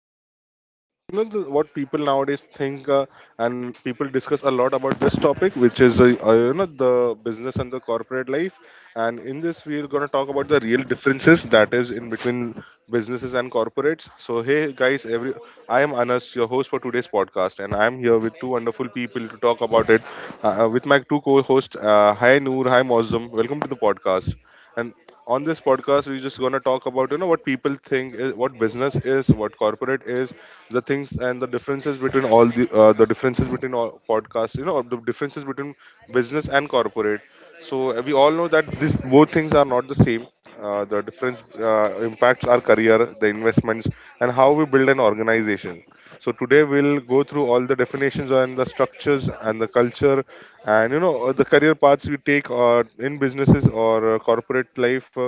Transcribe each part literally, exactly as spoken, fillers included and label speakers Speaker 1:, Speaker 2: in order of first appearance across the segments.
Speaker 1: corporate. Like, you know, the, what people nowadays think, uh, and people discuss a lot about this topic, which is, uh, uh, you know, the business and the corporate life. And in this, we're going to talk about the real differences that is in between businesses and corporates. So, hey, guys, every I am Anas, your host for today's podcast, and I'm here with two wonderful people to talk about it uh, uh, with my two co hosts. Uh, hi, Noor. Hi, Mozum. Welcome to the podcast. And on this podcast, we're just going to talk about, you know what people think is, what business is, what corporate is, the things and the differences between all the uh, the differences between all podcasts, you know the differences between business and corporate. So uh, we all know that these both things are not the same. uh, the difference uh, impacts our career, the investments, and how we build an organization. So today we'll go through all the definitions and the structures and the culture, and you know uh, the career paths we take uh, in businesses or uh, corporate life, uh,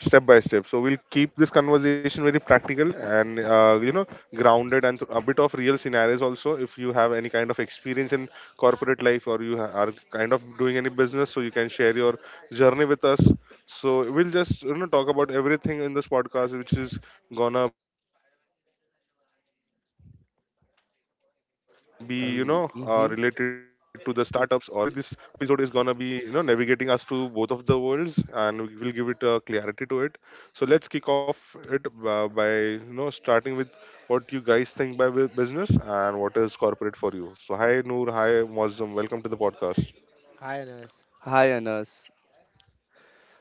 Speaker 1: step by step. So we'll keep this conversation very practical and, uh, you know grounded, and a bit of real scenarios also. If you have any kind of experience in corporate life, or you ha- are kind of doing any business, so you can share your journey with us. So we'll just, you know talk about everything in this podcast, which is gonna be, you know uh, related to the startups or people working in multinational companies.
Speaker 2: Um,
Speaker 1: uh,
Speaker 2: mhm.
Speaker 1: so basically, this uh, you know episode is gonna be, you know navigating us to both of the worlds, and we will give it uh, clarity to it. So let's kick off it uh, by you know starting with what you guys think by bu- business and what is corporate for you. So hi Noor, hi Mozum, welcome to the podcast.
Speaker 3: Hi Anas.
Speaker 2: High on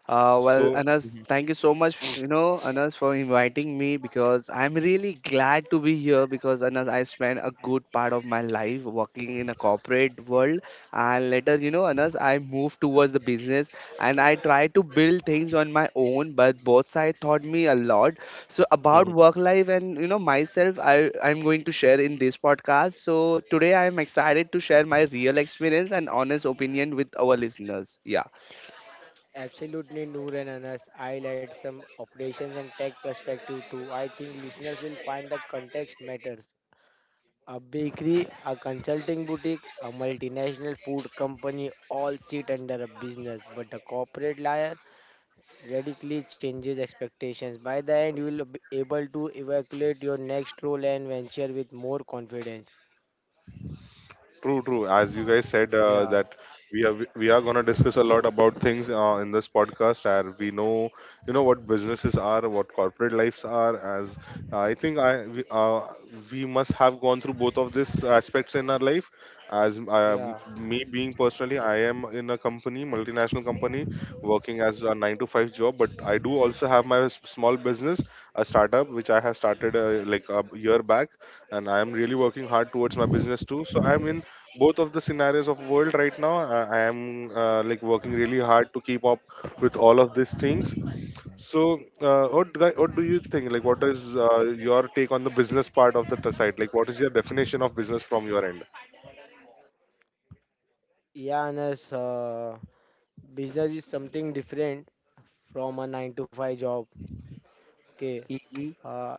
Speaker 2: Uh, well,
Speaker 1: So.
Speaker 2: Anas, thank you so much, you know, Anas, for inviting me because I'm really glad to be here because Anas, I spent a good part of my life working in a corporate world and later, you know, Anas, I moved towards the business and I tried to build things on my own, but both sides taught me a lot. So about
Speaker 1: Mhm.
Speaker 2: work life and you know myself, I I'm going to share in this podcast. So today I am excited to share my real experience and honest opinion with our listeners. Yeah.
Speaker 3: Absolutely, Noor and Anas, I'll add some operations and tech perspective too. I think listeners will find the context matters. A bakery, a consulting boutique, a multinational food company all sit under a business, but the corporate layer radically changes expectations. By the end, you will be able to evaluate your next role and venture with more confidence.
Speaker 1: True, true. As you guys said, uh,
Speaker 3: Yeah,
Speaker 1: that we are we are gonna discuss a lot about things uh, in this podcast, and we know, you know what businesses are, what corporate lives are. As uh, I think I we, uh, We must have gone through both of these aspects in our life. As um,
Speaker 3: yeah,
Speaker 1: Me being personally, I am in a company, multinational company, working as a nine to five job, but I do also have my s- small business, a startup which I have started uh, like a year back, and I am really working hard towards my business too. So I'm in both of the scenarios of world right now. Uh, I am uh, Like working really hard to keep up with all of these things. So uh, what, do- I- what do you think, like what is uh, your take on the business part of the t- side, like what is your definition of business from your end?
Speaker 3: yeah, Anas. Uh, business is something different from a nine to five job. Okay.
Speaker 2: Mhm.
Speaker 3: uh,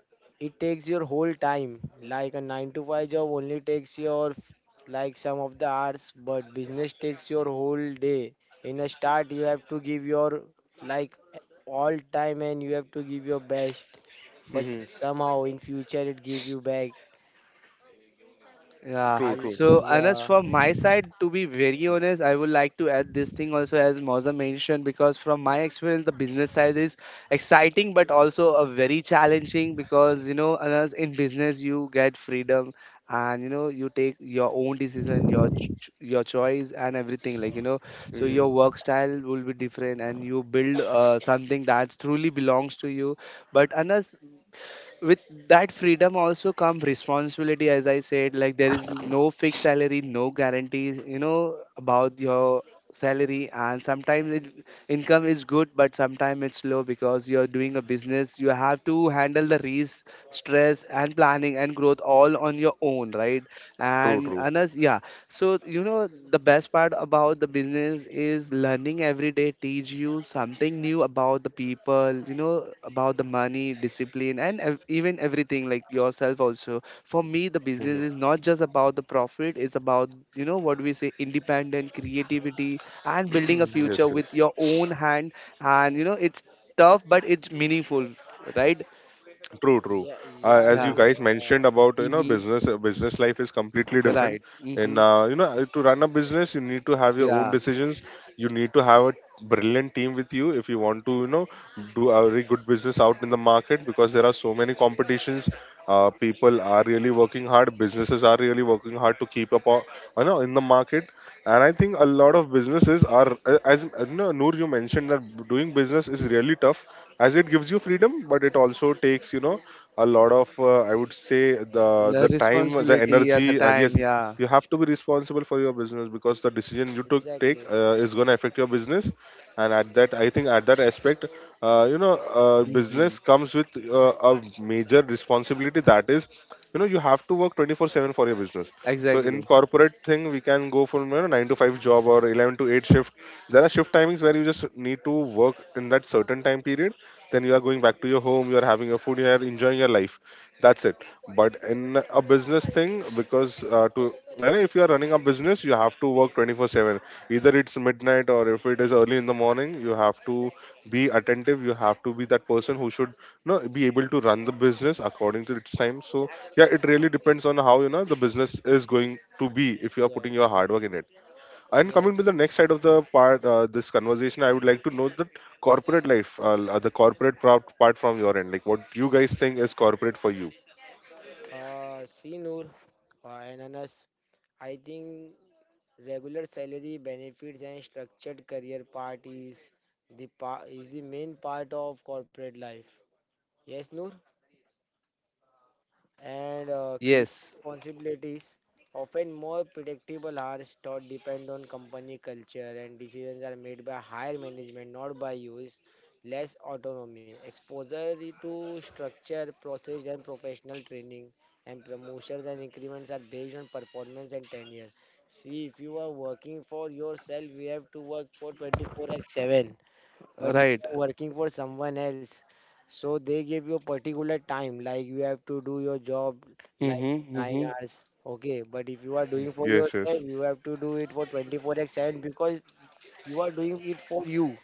Speaker 3: it takes your whole time. Like a nine to five job only takes your f- like some of the hours, but business takes your whole day. In a start, you have to give your like all time, and you have to give your best, but
Speaker 1: Hmm.
Speaker 3: somehow in future it give you back.
Speaker 2: Yeah.
Speaker 3: I
Speaker 1: True, true.
Speaker 2: So, Anas,
Speaker 3: Yeah,
Speaker 2: from my side, to be very honest, I would like to add this thing also, as Mauza mentioned, because from my experience, the business side is exciting but also a very challenging because you know, Anas, in business you get freedom and you know you take your own decision, your ch- ch- your choice and everything. Like you know, so
Speaker 1: Hmm.
Speaker 2: your work style will be different and you build uh, something that truly belongs to you. But Anas, with that freedom also come responsibility as I said, like there is no fixed salary, no guarantees, you know, about your salary, and sometimes it, income is good but sometimes it's low, because you're doing a business you have to handle the risk, stress and planning and growth all on your own, right?
Speaker 1: True,
Speaker 2: And
Speaker 1: true.
Speaker 2: anas, yeah. So, you know, the best part about the business is learning every day teach you something new about the people, you know, about the money, discipline, and ev- even everything like yourself also. For me, the business is not just about the profit, it's about, you know, what we say, independent creativity and building a
Speaker 1: Hmm. Yes,
Speaker 2: future
Speaker 1: yes.
Speaker 2: with your own hand. And, you know, it's tough, but it's meaningful, right?
Speaker 1: True, true.
Speaker 3: yeah,
Speaker 1: Uh,
Speaker 3: yeah.
Speaker 1: as
Speaker 3: No.
Speaker 1: you
Speaker 2: Yeah.
Speaker 1: guys
Speaker 3: uh,
Speaker 1: mentioned about, you know
Speaker 2: Mm-hmm.
Speaker 1: business, uh, business life is completely different.
Speaker 2: Right.
Speaker 1: And
Speaker 2: Mm-hmm.
Speaker 1: uh, you know uh, to run a business, you need to have your own
Speaker 2: Yeah.
Speaker 1: decisions. You need to have a brilliant team with you if you want to, you know do a very good business out in the market, because there are so many competitions. Uh, people are really working hard. Businesses are really working hard to keep up, uh, you know, in the market. And I think a lot of businesses are uh, as uh, no, noor, you mentioned that doing business is really tough, as it gives you freedom, but it also takes, you know a lot of, uh, I would say, the
Speaker 2: Your
Speaker 1: the time, the
Speaker 2: responsibility at the
Speaker 1: energy, and
Speaker 2: time.
Speaker 1: yes,
Speaker 2: Yeah.
Speaker 1: you have to be responsible for your business, because the decision you took take
Speaker 3: exactly.
Speaker 1: uh, is going to affect your business. And at that i think at that aspect, uh, you know uh,
Speaker 2: Mhm.
Speaker 1: business comes with uh, a major responsibility, that is, you know you have to work twenty-four seven for your business. So in
Speaker 2: Exactly.
Speaker 1: corporate thing, we can go from, you know nine to five job, or eleven to eight shift. There are shift timings where you just need to work in that certain time period, then you are going back to your home, you are having your food, you are enjoying your life, that's it. But in a business thing, because, uh, to you know, if you are running a business, you have to work twenty-four seven, either it's midnight or if it is early in the morning. You have to be attentive, you have to be that person who should, you know, be able to run the business according to its time. So yeah, it really depends on how, you know the business is going to be, if you are putting
Speaker 3: Yes,
Speaker 1: your hard work in it. And
Speaker 3: yes,
Speaker 1: coming to the
Speaker 3: yes.
Speaker 1: next side of the part, uh, this conversation, I would like to know that corporate life, uh, the corporate pro- part from your end, like what you guys think is corporate for you.
Speaker 3: Uh see, Noor, uh, and Anas, I think regular salary benefits and structured career part is the pa- is the main part of corporate life. Yes, Noor? and uh, clear
Speaker 2: Yes.
Speaker 3: responsibilities. Often more predictable hours taught depend on company culture, and decisions are made by higher management, not by use. Less autonomy, exposure to structure, process, and professional training, and promotions and increments are based on performance and tenure. See, if you are working for yourself, you have to work for twenty four by seven. But if
Speaker 2: Right.
Speaker 3: you are working for someone else, so they give you a particular time, like you have to do your job like
Speaker 2: Mm-hmm.
Speaker 3: nine
Speaker 2: Mm-hmm.
Speaker 3: hours. Okay, but if you are doing for
Speaker 1: Yes, yes.
Speaker 3: yourself, you have to do it for twenty four x seven, because you are doing it for you.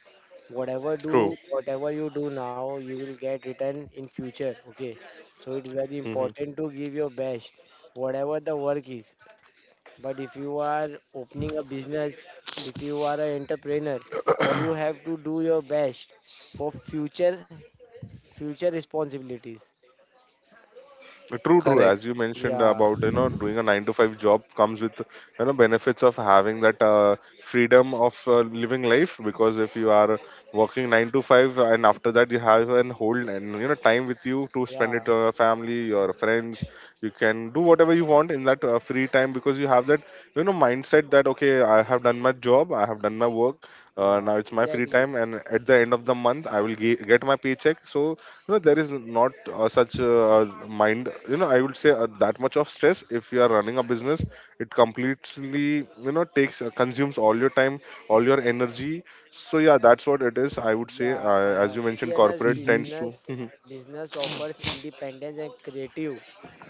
Speaker 3: Whatever
Speaker 1: True.
Speaker 3: do, whatever you do now, you will get return in future. Okay, so it is very
Speaker 1: Hmm.
Speaker 3: important to give your best, whatever the work is. But if you are opening a business, if you are an entrepreneur, you have to do your best for future future responsibilities.
Speaker 1: True, true.
Speaker 2: Correct.
Speaker 1: As you mentioned
Speaker 3: Yeah,
Speaker 1: about, you know, doing a nine to five job comes with, you know, benefits of having that uh, freedom of uh, living life. Because if you are working nine to five, and after that you have an whole, and you know, time with you to spend
Speaker 3: yeah,
Speaker 1: it on your family, your friends, you can do whatever you want in that uh, free time, because you have that, you know, mindset that, okay, I have done my job, I have done my work, uh,
Speaker 3: yeah,
Speaker 1: now it's my free
Speaker 3: exactly.
Speaker 1: time, and at the end of the month I will ge- get my paycheck. So no, there is not uh, such uh, mind. You know, I would say uh, that much of stress. If you are running a business, it completely, you know takes uh, consumes all your time, all your energy. So yeah, that's what it is. I would say,
Speaker 3: Yeah,
Speaker 1: uh, as
Speaker 3: uh,
Speaker 1: you mentioned,
Speaker 3: C N S,
Speaker 1: corporate
Speaker 2: Mm-hmm.
Speaker 1: tends
Speaker 3: business
Speaker 1: to. Mhm.
Speaker 3: business offers independence and creative,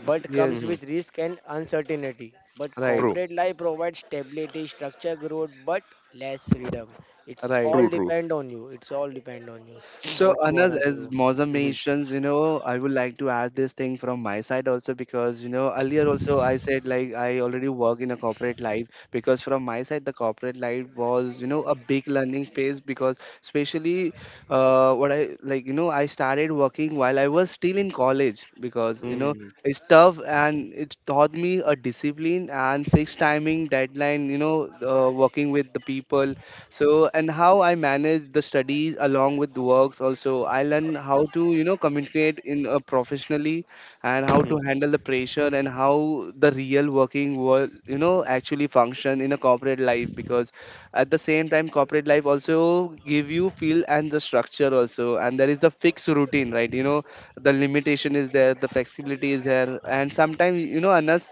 Speaker 3: but comes
Speaker 1: Mhm.
Speaker 2: Yes.
Speaker 3: with risk and uncertainty. But
Speaker 2: Right.
Speaker 1: True,
Speaker 3: corporate life provides stability, structure, growth, but less freedom. It's
Speaker 2: Right.
Speaker 3: all
Speaker 1: true, true.
Speaker 3: depend on you. It's all depend on you.
Speaker 2: So,
Speaker 3: What you
Speaker 2: Anas,
Speaker 3: wanna do.
Speaker 2: as Mozam
Speaker 1: Mhm.
Speaker 2: mentions, you know, I would like to add this thing from my side also because, you know, earlier also I said like I already work in a corporate life because from my side the corporate life was, you know, a big learning phase because especially uh, what I like, you know, I started working while I was still in college because, you know,
Speaker 1: Mhm.
Speaker 2: it's tough and it taught me a discipline and fixed timing, deadline, you know, uh, working with the people, so, and how I manage the studies along with the works also. I learn how to, you know, communicate in a professionally and how to
Speaker 1: Mhm.
Speaker 2: handle the pressure and how the real working world, you know, actually function in a corporate life because at the same time, corporate life also give you feel and the structure also. And there is a fixed routine, right? You know, the limitation is there, the flexibility is there. And sometimes, you know, Anas,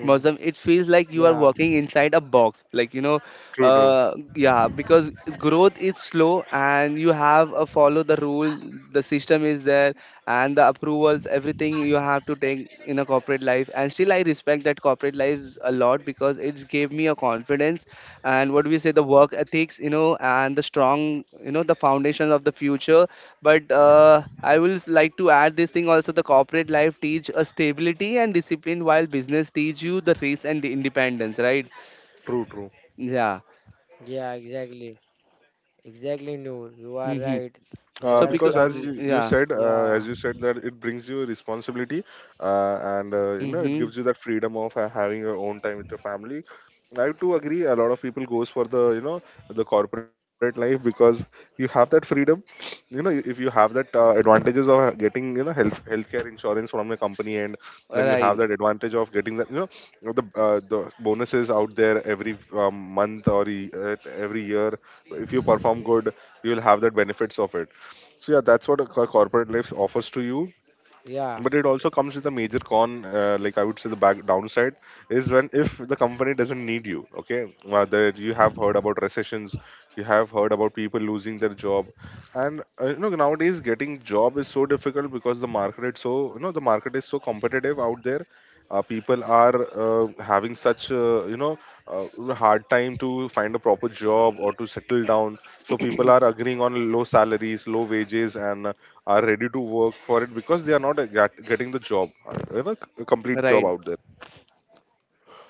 Speaker 1: Mhm.
Speaker 2: Muslim, it feels like you are
Speaker 3: Yeah,
Speaker 2: walking inside a box. Like, you know,
Speaker 1: True, true,
Speaker 2: uh, yeah, because growth is slow and you have a follow the rule, the system is there, and the approvals, everything you have to take in a corporate life. And still, I respect that corporate lives a lot because it's gave me a confidence and what we say, the work ethics, you know, and the strong, you know, the foundations of the future, but uh, I will s- like to add this thing also, the corporate life teach a stability and discipline while business teach you the risk and the independence, right?
Speaker 1: true, true.
Speaker 2: Yeah.
Speaker 3: yeah, exactly. Exactly, Noor. You are
Speaker 2: Mm-hmm.
Speaker 3: right. There
Speaker 1: Uh,
Speaker 2: So
Speaker 3: are
Speaker 2: because
Speaker 1: because as
Speaker 3: some,
Speaker 1: you, you
Speaker 2: yeah.
Speaker 1: said, uh,
Speaker 3: yeah,
Speaker 1: as you said that it brings you responsibility, uh, and uh, you know it
Speaker 2: Mm-hmm.
Speaker 1: gives you that freedom of uh, having your own time with your family. I too agree, a lot of people goes for the, you know the corporate life, because you have that freedom. You know if you have that uh, advantages of uh, getting, you know health healthcare insurance from a company, and then you have
Speaker 2: Right.
Speaker 1: that advantage of getting that, you know the uh, the bonuses out there every um, month, or e- uh, every year. If you perform good, you will have that benefits of it. So yeah, that's what a co- corporate life offers to you.
Speaker 3: yeah,
Speaker 1: But it also comes with a major con, uh, like I would say the back downside is, when if the company doesn't need you. Okay, whether you have heard about recessions, you have heard about people losing their job. And uh, you know nowadays getting job is so difficult, because the market is so you know the market is so competitive out there. uh, people are uh, having such uh, you know uh, hard time to find a proper job or to settle down. So people are agreeing on low salaries, low wages, and are ready to work for it, because they are not, uh, get, getting the job, uh, you know c- a complete job
Speaker 2: Right.
Speaker 1: out there.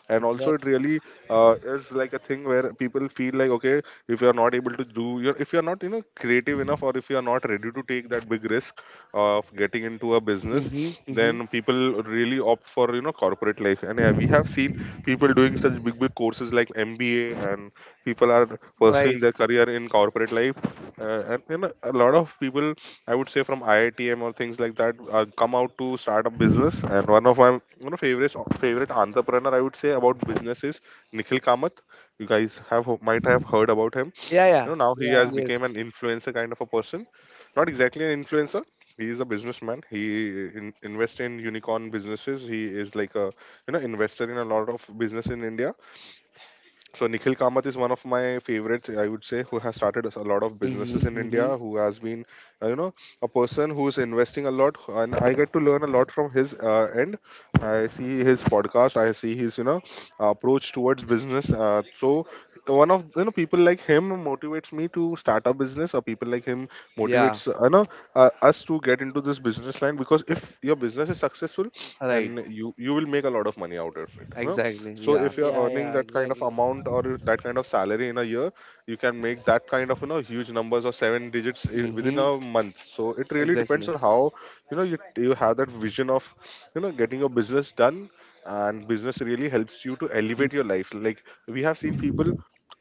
Speaker 1: And also
Speaker 3: exact,
Speaker 1: it really uh, is like a thing where people feel like okay, if you are not able to do your if you are not, you know creative enough, or if you are not ready to take that big risk of getting into a business,
Speaker 2: Mm-hmm. Mm-hmm.
Speaker 1: then people really opt for, you know corporate life. And yeah, we have seen people doing such big big courses like M B A, and people are pursuing
Speaker 2: Right.
Speaker 1: their career in corporate life. uh, and you know, a lot of people, I would say from I I T M or things like that, uh, come out to start a business. And one of my one of favorite favorite entrepreneur, I would say about business, is Nikhil Kamath. You guys have might have heard about him.
Speaker 2: Yeah.
Speaker 1: You
Speaker 2: Yeah.
Speaker 1: know, now he has
Speaker 3: yeah,
Speaker 2: Yes.
Speaker 1: become an influencer kind of a person. Not exactly an influencer. He is a businessman. He in, invests in unicorn businesses. He is like a, you know, investor in a lot of business in India. So Nikhil Kamath is one of my favorites, I would say, who has started us a lot of
Speaker 2: Mm-hmm.
Speaker 1: businesses in
Speaker 2: Mm-hmm.
Speaker 1: India, who has been, uh, you know, a person who is investing a lot, and I get to learn a lot from his uh, end. I see his podcast, I see his, you know, approach towards business. Uh, so one of, you know, people like him motivates me to start a business, or people like him
Speaker 2: Yeah.
Speaker 1: motivates, uh, you know, uh, us to get into this business line, because if your business is successful,
Speaker 2: Right.
Speaker 1: and you you will make a lot of money out of it, huh?
Speaker 2: Exactly.
Speaker 1: So
Speaker 2: Yeah.
Speaker 1: if you're
Speaker 3: yeah,
Speaker 1: earning
Speaker 3: yeah,
Speaker 1: that kind of
Speaker 3: exactly.
Speaker 1: amount or that kind of salary in a year, you can make that kind of, you know, huge numbers, or seven digits, i- within a
Speaker 2: Mm-hmm.
Speaker 1: month. So it really depends on
Speaker 2: Exactly.
Speaker 1: how, you know, you, you have that vision of, you know, getting your business done. And business really helps you to
Speaker 2: Mm.
Speaker 1: elevate your life. Like, we have seen people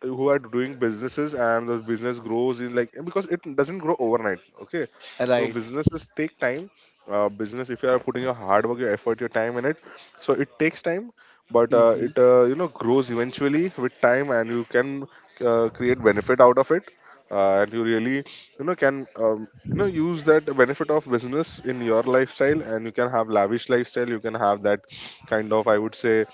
Speaker 1: who are doing businesses, and the business grows in, like, because it doesn't grow overnight, okay? So
Speaker 2: Right.
Speaker 1: businesses take time. Uh, business, if you are putting your hard work, your effort, your time in it, so it takes time, but uh,
Speaker 2: Mm-hmm.
Speaker 1: it, uh, you know, grows eventually with time, and you can uh, create benefit out of it, uh, and you really, you know, can, um, you know, use that benefit of business in your lifestyle, and you can have lavish lifestyle, you can have that kind of, I would say,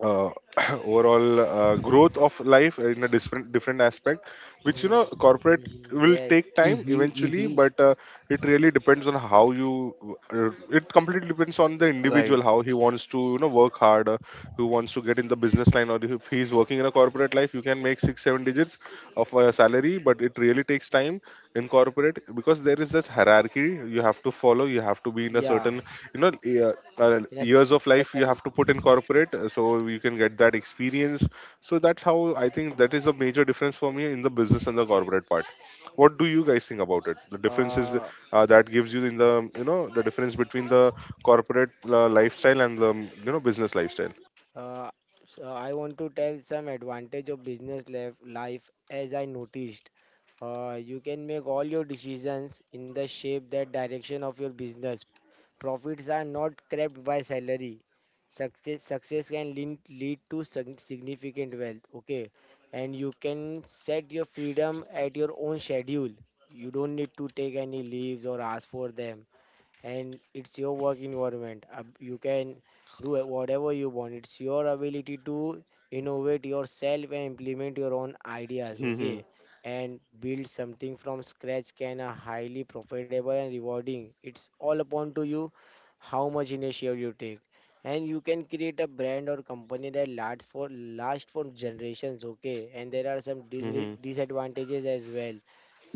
Speaker 1: uh, overall uh, growth of life in a different different aspect, which, you know, corporate
Speaker 3: Mm-hmm.
Speaker 1: will
Speaker 3: Yes,
Speaker 1: take time
Speaker 2: Mm-hmm.
Speaker 1: eventually.
Speaker 2: Mm-hmm.
Speaker 1: But uh, it really depends on how you, uh, it completely depends on the
Speaker 2: Right.
Speaker 1: individual, how he wants to, you know, work hard. Uh, who wants to get in the business line, or if he's working in a corporate life, you can make six seven digits of a salary, but it really takes time in corporate, because there is this hierarchy you have to follow. You have to be in a
Speaker 3: yeah,
Speaker 1: certain, you know, uh, uh,
Speaker 3: in a
Speaker 1: years of
Speaker 3: certain
Speaker 1: life you
Speaker 3: pattern.
Speaker 1: have to put in corporate, uh, so you can get that experience. So that's how I think that is a major difference for me in the business and the corporate part. What do you guys think about it, the differences
Speaker 3: Uh,
Speaker 1: uh, that gives you in the, you know, the difference between the corporate uh, lifestyle and the, you know, business lifestyle?
Speaker 3: Uh, so I want to tell some advantage of business life, life as I noticed. Uh, you can make all your decisions in the shape that direction of your business. Profits are not capped by salary. Success, success can lead, lead to sig- significant wealth. Okay, and you can set your freedom at your own schedule. You don't need to take any leaves or ask for them, and it's your work environment. Uh, You can do it whatever you want. It's your ability to innovate yourself and implement your own ideas,
Speaker 1: Mm-hmm.
Speaker 3: okay? And build something from scratch can a highly profitable and rewarding. It's all upon to you how much initiative you take. And you can create a brand or company that lasts for last for generations, okay? And there are some dis
Speaker 1: Mm-hmm.
Speaker 3: disadvantages as well.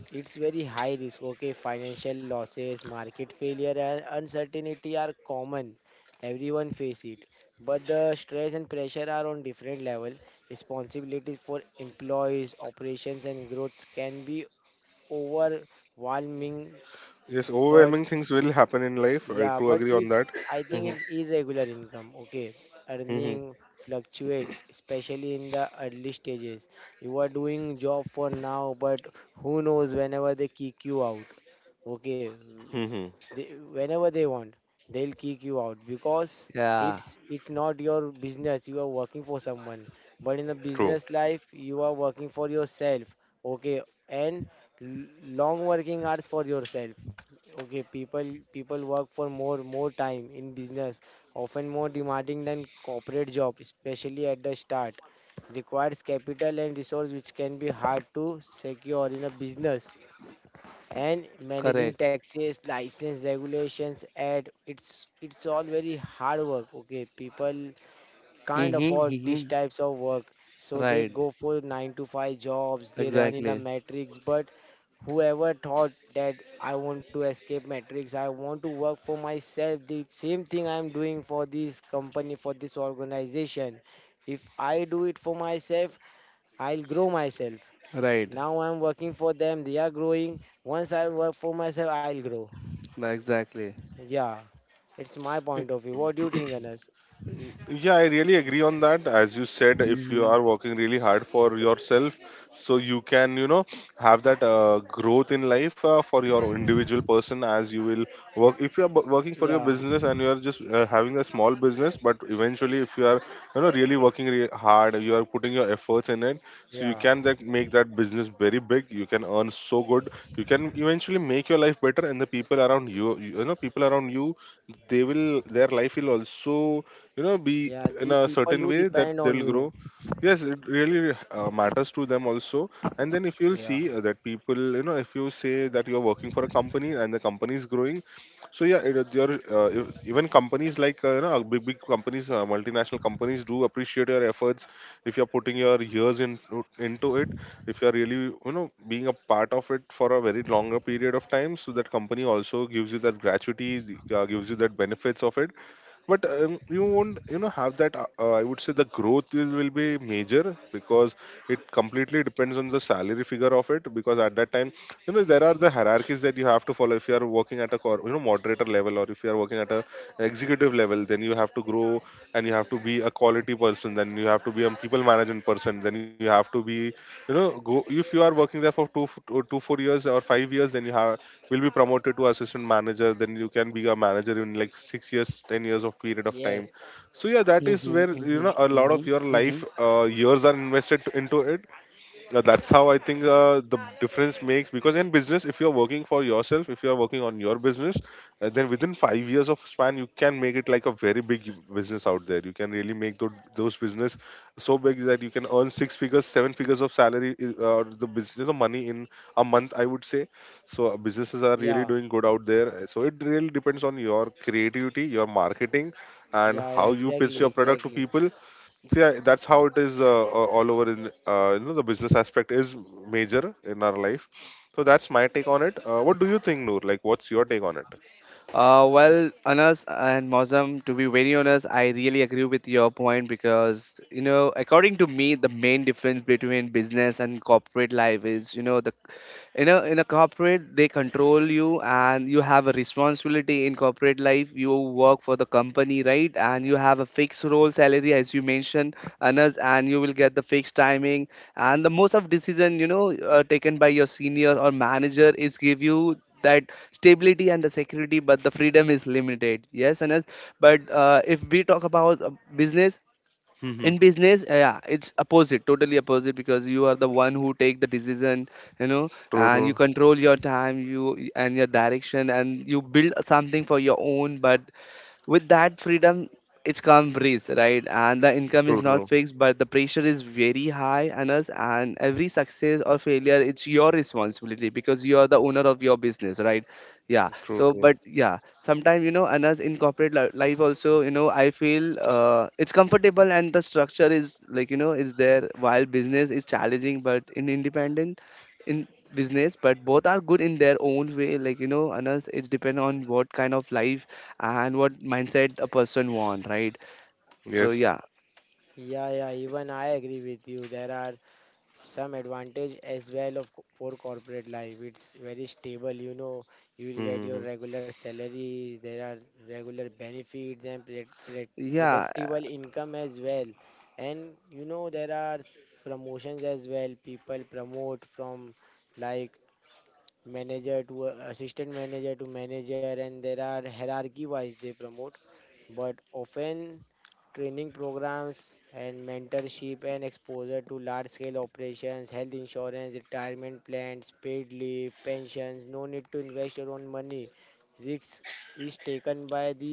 Speaker 3: It's very high risk. Okay, financial losses, market failure, and uncertainty are common. Everyone face it. But the stress and pressure are on different level. Responsibilities for employees, operations, and growths can be overwhelming.
Speaker 1: Yes,
Speaker 3: But
Speaker 1: overwhelming things will happen in life, I
Speaker 3: yeah,
Speaker 1: do
Speaker 3: but
Speaker 1: agree
Speaker 3: see,
Speaker 1: on
Speaker 3: it's
Speaker 1: that.
Speaker 3: I think
Speaker 1: Mm-hmm.
Speaker 3: it's irregular income. Okay,
Speaker 1: Mm-hmm.
Speaker 3: earning fluctuate, especially in the early stages. You are doing job for now, but who knows whenever they kick you out. Okay,
Speaker 1: Mm-hmm.
Speaker 3: they, whenever they want, they'll kick you out, because
Speaker 2: Yeah.
Speaker 3: it's it's not your business. You are working for someone, but in the
Speaker 1: True.
Speaker 3: business life you are working for yourself. Okay, and l- long working hours for yourself. Okay, people people work for more more time in business, often more demanding than corporate job, especially at the start. Requires capital and resource, which can be hard to secure in a business. And managing
Speaker 2: Correct.
Speaker 3: taxes, license regulations, and it's it's all very hard work. Okay, people can't
Speaker 2: Mm-hmm.
Speaker 3: afford these
Speaker 2: Mm-hmm.
Speaker 3: types of work, so they
Speaker 2: Right.
Speaker 3: go for nine to five jobs. They run in a
Speaker 2: Exactly.
Speaker 3: matrix, but whoever thought that I want to escape matrix, I want to work for myself. The same thing I'm doing for this company, for this organization. If I do it for myself, I'll grow myself.
Speaker 2: Right.
Speaker 3: Now I'm working for them, they are growing. Once I work for myself, I'll grow.
Speaker 2: Exactly.
Speaker 3: Yeah, it's my point of view. What do you think, Anas?
Speaker 1: Yeah, I really agree on that. As you said, if you
Speaker 2: Mm-hmm.
Speaker 1: are working really hard for yourself, so you can, you know, have that uh, growth in life uh, for your individual person, as you will work. If you are bu- working for your
Speaker 3: Yeah,
Speaker 1: business and you are just uh, having a small business, but eventually, if you are, you know, really working re- hard, you are putting your efforts in it, so you
Speaker 3: yeah,
Speaker 1: can that make that business very big. You can earn so good. You can eventually make your life better, and the people around you, you know, people around you, they will, their life will also, you know, be
Speaker 3: yeah.
Speaker 1: in
Speaker 3: The
Speaker 1: a
Speaker 3: people
Speaker 1: certain
Speaker 3: who
Speaker 1: way that
Speaker 3: depend on
Speaker 1: they'll
Speaker 3: you.
Speaker 1: grow. Yes, it really uh, matters to them also. And then if you'll
Speaker 3: Yeah,
Speaker 1: see uh, that people, you know, if you say that you're working for a company and the company is growing, so yeah, it, your uh, ev- even companies like, uh, you know, big big companies, uh, multinational companies, do appreciate your efforts if you're putting your years into into it, if you're really, you know, being a part of it for a very longer period of time, so that company also gives you that gratuity, the- uh, gives you that benefits of it. But um, you won't, you know, have that, uh, uh, I would say, the growth is, will be major, because it completely depends on the salary figure of it. Because at that time, you know, there are the hierarchies that you have to follow. If you are working at a cor- you know, moderator level, or if you are working at a executive level, then you have to grow. And you have to be a quality person, then you have to be a people management person, then you have to be, you know, go. If you are working there for two, f- two, two four years or five years, then you have will be promoted to assistant manager, then you can be a manager in like six years ten years of period of
Speaker 3: yes,
Speaker 1: time. So yeah, that is
Speaker 2: Mm-hmm.
Speaker 1: where, you
Speaker 2: Mm-hmm.
Speaker 1: know, a lot
Speaker 2: Mm-hmm.
Speaker 1: of your
Speaker 2: Mm-hmm.
Speaker 1: life uh, years are invested into it. Uh, that's how I think uh, the difference makes, because in business, if you're working for yourself, if you're working on your business, uh, then within five years of span, you can make it like a very big business out there. You can really make those, those business so big that you can earn six figures, seven figures of salary, i- uh, or the business, the money in a month, I would say. So uh, businesses are really
Speaker 3: yeah,
Speaker 1: doing good out there. Uh, So it really depends on your creativity, your marketing, and
Speaker 3: yeah, yeah,
Speaker 1: how you pitch
Speaker 3: exactly,
Speaker 1: your product to
Speaker 3: exactly.
Speaker 1: people. See, I- that's how it is uh, uh, all over in, uh, you know, the business aspect is major in our life. So that's my take on it. Uh, what do you think, Noor? Like, what's your take on it?
Speaker 2: Uh, well, Anas and Mozam, to be very honest, I really agree with your point because, you know, according to me, the main difference between business and corporate life is, you know, the in a in a corporate they control you and you have a responsibility in corporate life, you work for the company, right? And you have a fixed role salary, as you mentioned, Anas, and you will get the fixed timing and the most of decision, you know, uh, taken by your senior or manager is give you that stability and the security, but the freedom is limited, yes Anas. But uh, if we talk about uh, business,
Speaker 1: Mm-hmm.
Speaker 2: in business uh, yeah, it's opposite, totally opposite, because you are the one who take the decision, you know,
Speaker 1: True,
Speaker 2: and you
Speaker 1: true,
Speaker 2: control your time, you and your direction, and you build something for your own, but with that freedom it's calm breeze, right? And the income is
Speaker 1: true,
Speaker 2: not
Speaker 1: true,
Speaker 2: fixed but the pressure is very high on us, and every success or failure it's your responsibility because you are the owner of your business, right? Yeah.
Speaker 1: true,
Speaker 2: So
Speaker 1: true.
Speaker 2: but yeah, sometimes you know, anas, in corporate li- life also, you know, I feel uh, it's comfortable and the structure is like you know is there, while business is challenging but in independent in business, but both are good in their own way. Like you know, anas, it's depend on what kind of life and what mindset a person want, right? So
Speaker 1: Yes.
Speaker 2: yeah,
Speaker 3: Yeah, yeah, even I agree with you. There are some advantage as well of co- for corporate life. It's very stable. You know, you will get your
Speaker 1: Mm-hmm.
Speaker 3: regular salary. There are regular benefits and pre- pre-
Speaker 2: yeah, uh,
Speaker 3: predictable income as well. And you know there are promotions as well. People promote from like manager to a assistant manager to manager, and there are hierarchy wise they promote. But often training programs and mentorship and exposure to large scale operations, health insurance, retirement plans, paid leave, pensions. No need to invest your own money. Risks is taken by the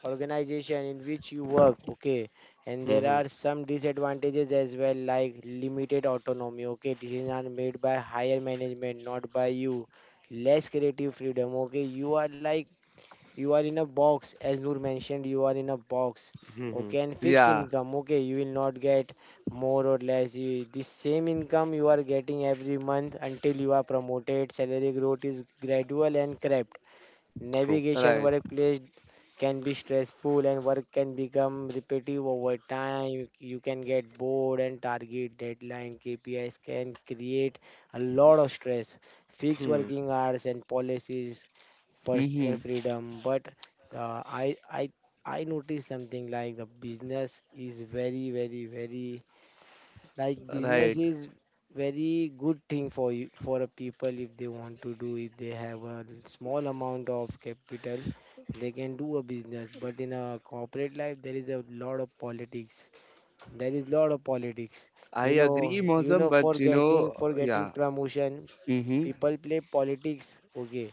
Speaker 3: organization in which you work, okay. And there
Speaker 1: Mm-hmm.
Speaker 3: are some disadvantages as well, like limited autonomy. Okay, decisions are made by higher management, not by you. Less creative freedom. Okay, you are like you are in a box, as Noor mentioned. You are in a box.
Speaker 1: Mm-hmm.
Speaker 3: Okay, and fixed
Speaker 2: yeah,
Speaker 3: income. Okay, you will not get more or less. You, the same income you are getting every month until you are promoted. Salary growth is gradual and crap.
Speaker 1: True.
Speaker 3: Navigation
Speaker 2: right.
Speaker 3: workplace can be stressful, and work can become repetitive over time. You can get bored, and target deadline K P Is can create a lot of stress. Fixed working hours and policies, personal
Speaker 2: Mm-hmm.
Speaker 3: freedom. But uh, I I I noticed something like the business is very, very, very, like business
Speaker 2: Right.
Speaker 3: is very good thing for you for a people, if they want to do, if they have a small amount of capital. They can do a business, but in a corporate life there is a lot of politics. There is lot of politics.
Speaker 2: I
Speaker 3: you know
Speaker 2: agree,
Speaker 3: you
Speaker 2: Mosam,
Speaker 3: know for
Speaker 2: but you
Speaker 3: getting
Speaker 2: know,
Speaker 3: for getting
Speaker 2: yeah.
Speaker 3: promotion,
Speaker 2: Mm-hmm.
Speaker 3: people play politics. Okay,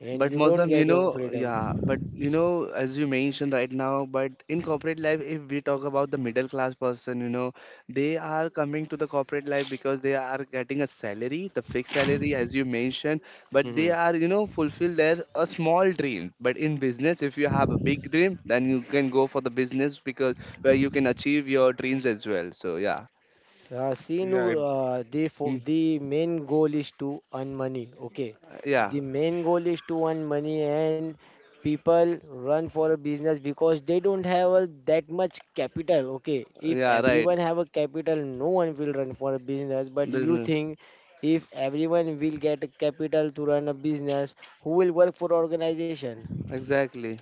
Speaker 3: and
Speaker 2: But
Speaker 3: you don't
Speaker 2: Mozam, you
Speaker 3: get your
Speaker 2: know,
Speaker 3: freedom.
Speaker 2: yeah, but you know, as you mentioned right now, but in corporate life, if we talk about the middle class person, you know, they are coming to the corporate life because they are getting a salary, the fixed salary, as you mentioned, but they
Speaker 1: Mm-hmm.
Speaker 2: are, you know, fulfill their a small dream. But in business, if you have a big dream, then you can go for the business because where you can achieve your dreams as well. So yeah,
Speaker 3: Uh, see, Noor,
Speaker 1: Yeah.
Speaker 3: uh, the fo-
Speaker 2: Mm.
Speaker 3: the main goal is to earn money. Okay,
Speaker 2: Yeah,
Speaker 3: the main goal is to earn money, and people run for a business because they don't have a, that much capital. Okay, if
Speaker 2: yeah, right,
Speaker 3: everyone have a capital, no one will run for a business. But you
Speaker 2: business,
Speaker 3: think if everyone will get a capital to run a business, who will work for organization?
Speaker 2: exactly.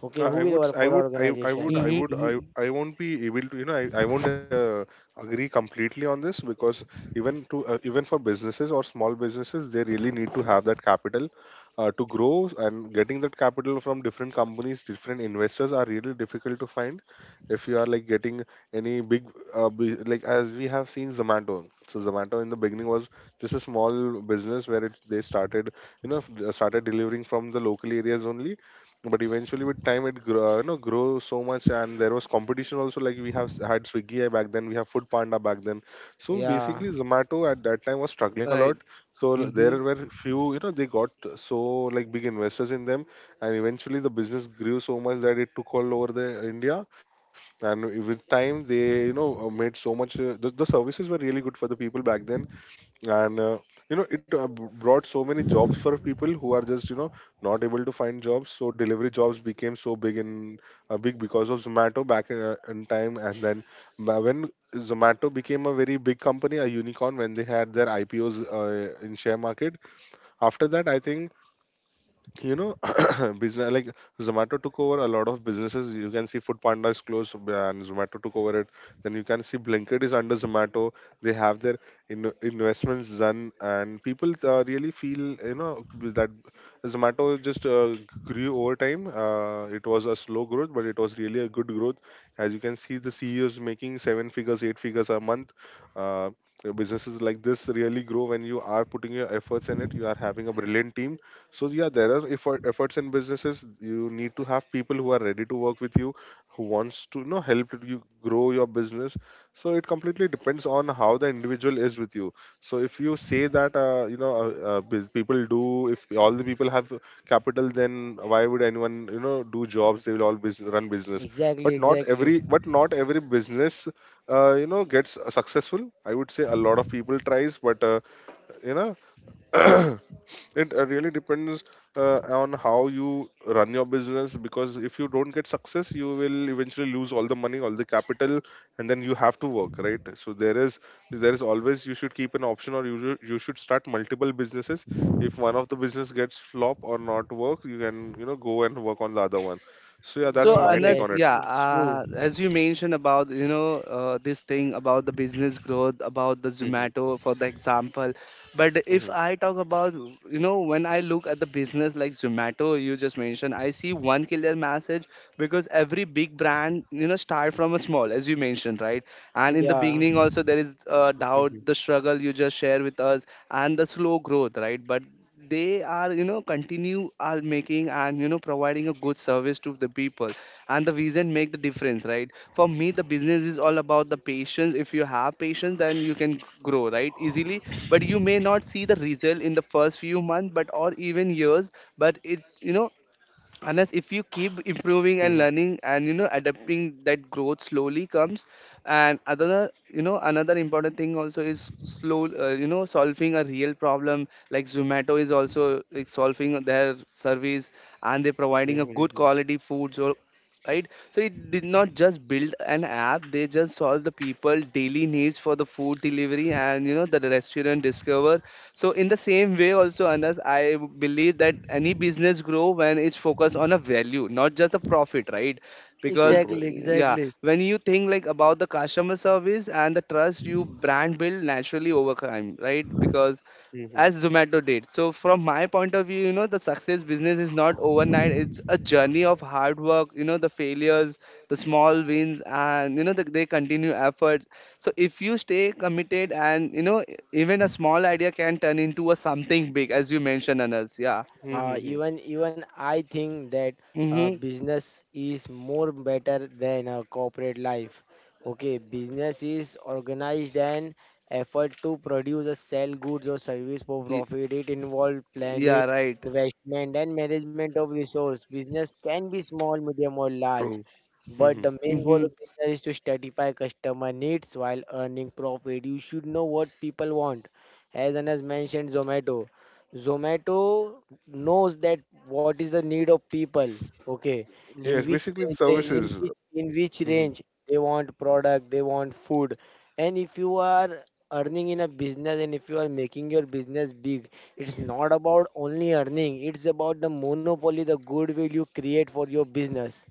Speaker 3: Okay,
Speaker 1: Uh,
Speaker 3: who
Speaker 1: I
Speaker 3: will
Speaker 1: would, s-
Speaker 3: work
Speaker 1: I
Speaker 3: for
Speaker 1: would, I, I would,
Speaker 3: organization?
Speaker 1: I
Speaker 2: Mm-hmm,
Speaker 1: would, I,
Speaker 2: mm-hmm.
Speaker 1: I won't be able to, you know, I, I won't uh, agree completely on this, because even to, uh, even for businesses or small businesses, they really need to have that capital uh, to grow, and getting that capital from different companies, different investors are really difficult to find. If you are like getting any big, uh, bu- like as we have seen Zomato. So Zomato in the beginning was just a small business where it, they started, you know, f- started delivering from the local areas only, but eventually with time it grow, you know, grow so much. And there was competition also, like we have s- had Swiggy uh, back then, we have Food Panda back then. So
Speaker 3: Yeah,
Speaker 1: basically Zomato at that time was struggling a
Speaker 2: Right.
Speaker 1: lot. So l-
Speaker 2: Mm-hmm.
Speaker 1: there were few, you know, they got, so, like, big investors in them, and eventually the business grew so much that it took all over the India. And with time they, you know, uh, made so much, uh, the, the services were really good for the people back then. And uh, you know, it, uh, b- brought so many jobs for people who are just, you know, not able to find jobs. So delivery jobs became so big in, uh, big because of Zomato back in, uh, in time. And then, ba- when Zomato became a very big company, a unicorn, when they had their IPOs uh, in share market, after that, I think, you know, business like Zomato took over a lot of businesses. You can see Food Panda is closed and Zomato took over it. Then you can see Blinkit is under Zomato. They have their in- investments done, and people, uh, really feel, you know, that Zomato just, uh, grew over time. Uh, it was a slow growth, but it was really a good growth. As you can see, the CEOs making seven figures, eight figures a month. uh, Businesses like this really grow when you are putting your efforts in it, you are having a brilliant team. So yeah, there are effort, efforts in businesses. You need to have people who are ready to work with you, who wants to, you know, help you grow your business. So it completely depends on how the individual is with you. So if you say that, uh, you know uh, uh, bus- people do, if all the people have capital, then why would anyone, you know, do jobs? They will all, bus- run business.
Speaker 3: exactly,
Speaker 1: But not
Speaker 3: exactly.
Speaker 1: every, but not every business, uh, you know, gets successful. I would say a lot of people tries, but uh, you know. It uh, really depends uh, on how you run your business, because if you don't get success, you will eventually lose all the money, all the capital, and then you have to work, right? So there is there is always, you should keep an option, or you should- you should start multiple businesses. If one of the business gets flop or not work, you can, you know, go and work on the other one. So yeah,
Speaker 2: So
Speaker 1: that's
Speaker 3: Yes,
Speaker 1: my take
Speaker 2: Anas,
Speaker 3: yes,
Speaker 1: on it.
Speaker 2: yeah,
Speaker 3: it's true.
Speaker 2: uh, as you mentioned about you know uh, this thing about the business growth, about the
Speaker 1: Mhm,
Speaker 2: Zomato for the example, but if
Speaker 1: mhm,
Speaker 2: I talk about you know when I look at the business like Zomato, you just mentioned, I see one clear message because every big brand you know start from a small, as you mentioned, right? And in the
Speaker 3: Yeah,
Speaker 2: beginning also there is uh, doubt,
Speaker 1: mhm,
Speaker 2: the struggle you just share with us, and the slow growth, right? But they are you know continue are making and you know providing a good service to the people, and the vision make the difference, right? For me the business is all about the patience, if you have patience then you can grow right easily, but you may not see the result in the first few months but or even years, but it you know, unless if you keep improving and
Speaker 1: mhm,
Speaker 2: learning and you know adapting, that growth slowly comes. And another you know another important thing also is slow uh, you know solving a real problem, like Zomato is also like, solving their service and they're
Speaker 1: mhm,
Speaker 2: providing a good
Speaker 1: mhm.
Speaker 2: quality food, so right, so it did not just build an app, they just solve the people daily needs for the food delivery and you know the restaurant discover. So in the same way also, Anas, I believe that any business grow when it's focused on a value, not just a profit, right?
Speaker 1: True,
Speaker 2: Because uh,
Speaker 1: true.
Speaker 3: exactly,
Speaker 2: yeah,
Speaker 3: exactly.
Speaker 2: when you think like about the customer service and the trust you brand build naturally over time, right? Because
Speaker 1: Mhm,
Speaker 2: as Zomato did. So from my point of view, you know, the success business is not overnight. It's a journey of hard work, you know, the failures, the small wins, and you know, the, they continue efforts, so if you stay committed and you know e- even a small idea can turn into a something big, as you mentioned Anas. Yeah.
Speaker 1: mhm,
Speaker 3: uh,
Speaker 1: mhm.
Speaker 3: even even I think that uh,
Speaker 2: Mhm.
Speaker 3: business is more better than a corporate life. Okay, business is organized and effort to produce or sell goods or service for
Speaker 2: Y-
Speaker 3: profit. It involves planning,
Speaker 2: Yeah, right.
Speaker 3: investment, and management of resource. Business can be small, medium, or large,
Speaker 1: True.
Speaker 3: but
Speaker 1: Mhm.
Speaker 3: the main goal
Speaker 2: Mhm.
Speaker 3: of business is to satisfy customer needs while earning profit. You should know what people want. As Anas mentioned, Zomato. Zomato knows that what is the need of people. Okay, in
Speaker 1: Yes,
Speaker 3: which
Speaker 1: basically
Speaker 3: range they, in
Speaker 1: services.
Speaker 3: which in which
Speaker 1: Mhm.
Speaker 3: range they want product, they want food. And if you are earning in a business and if you are making your business big, it's not about only earning, it's about the monopoly, the goodwill you create for your business,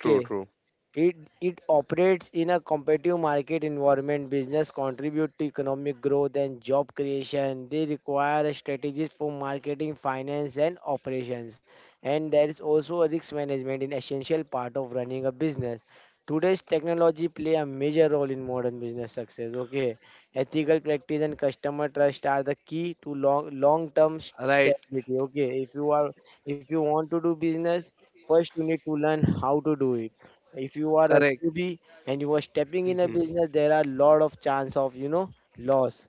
Speaker 1: True, true.
Speaker 3: It it operates in a competitive market environment. Business contribute to economic growth and job creation. They require strategies for marketing, finance, and operations. And there is also a risk management in essential part of running a business. Today's technology play a major role in modern business success. Okay, ethical practice and customer trust are the key to long long term
Speaker 2: Right.
Speaker 3: stability. Okay, if you are if you want to do business, first you need to learn how to do it, if you are a
Speaker 2: Correct.
Speaker 3: newbie and you are stepping in a
Speaker 1: Hmm.
Speaker 3: business, there are a lot of chance of you know loss.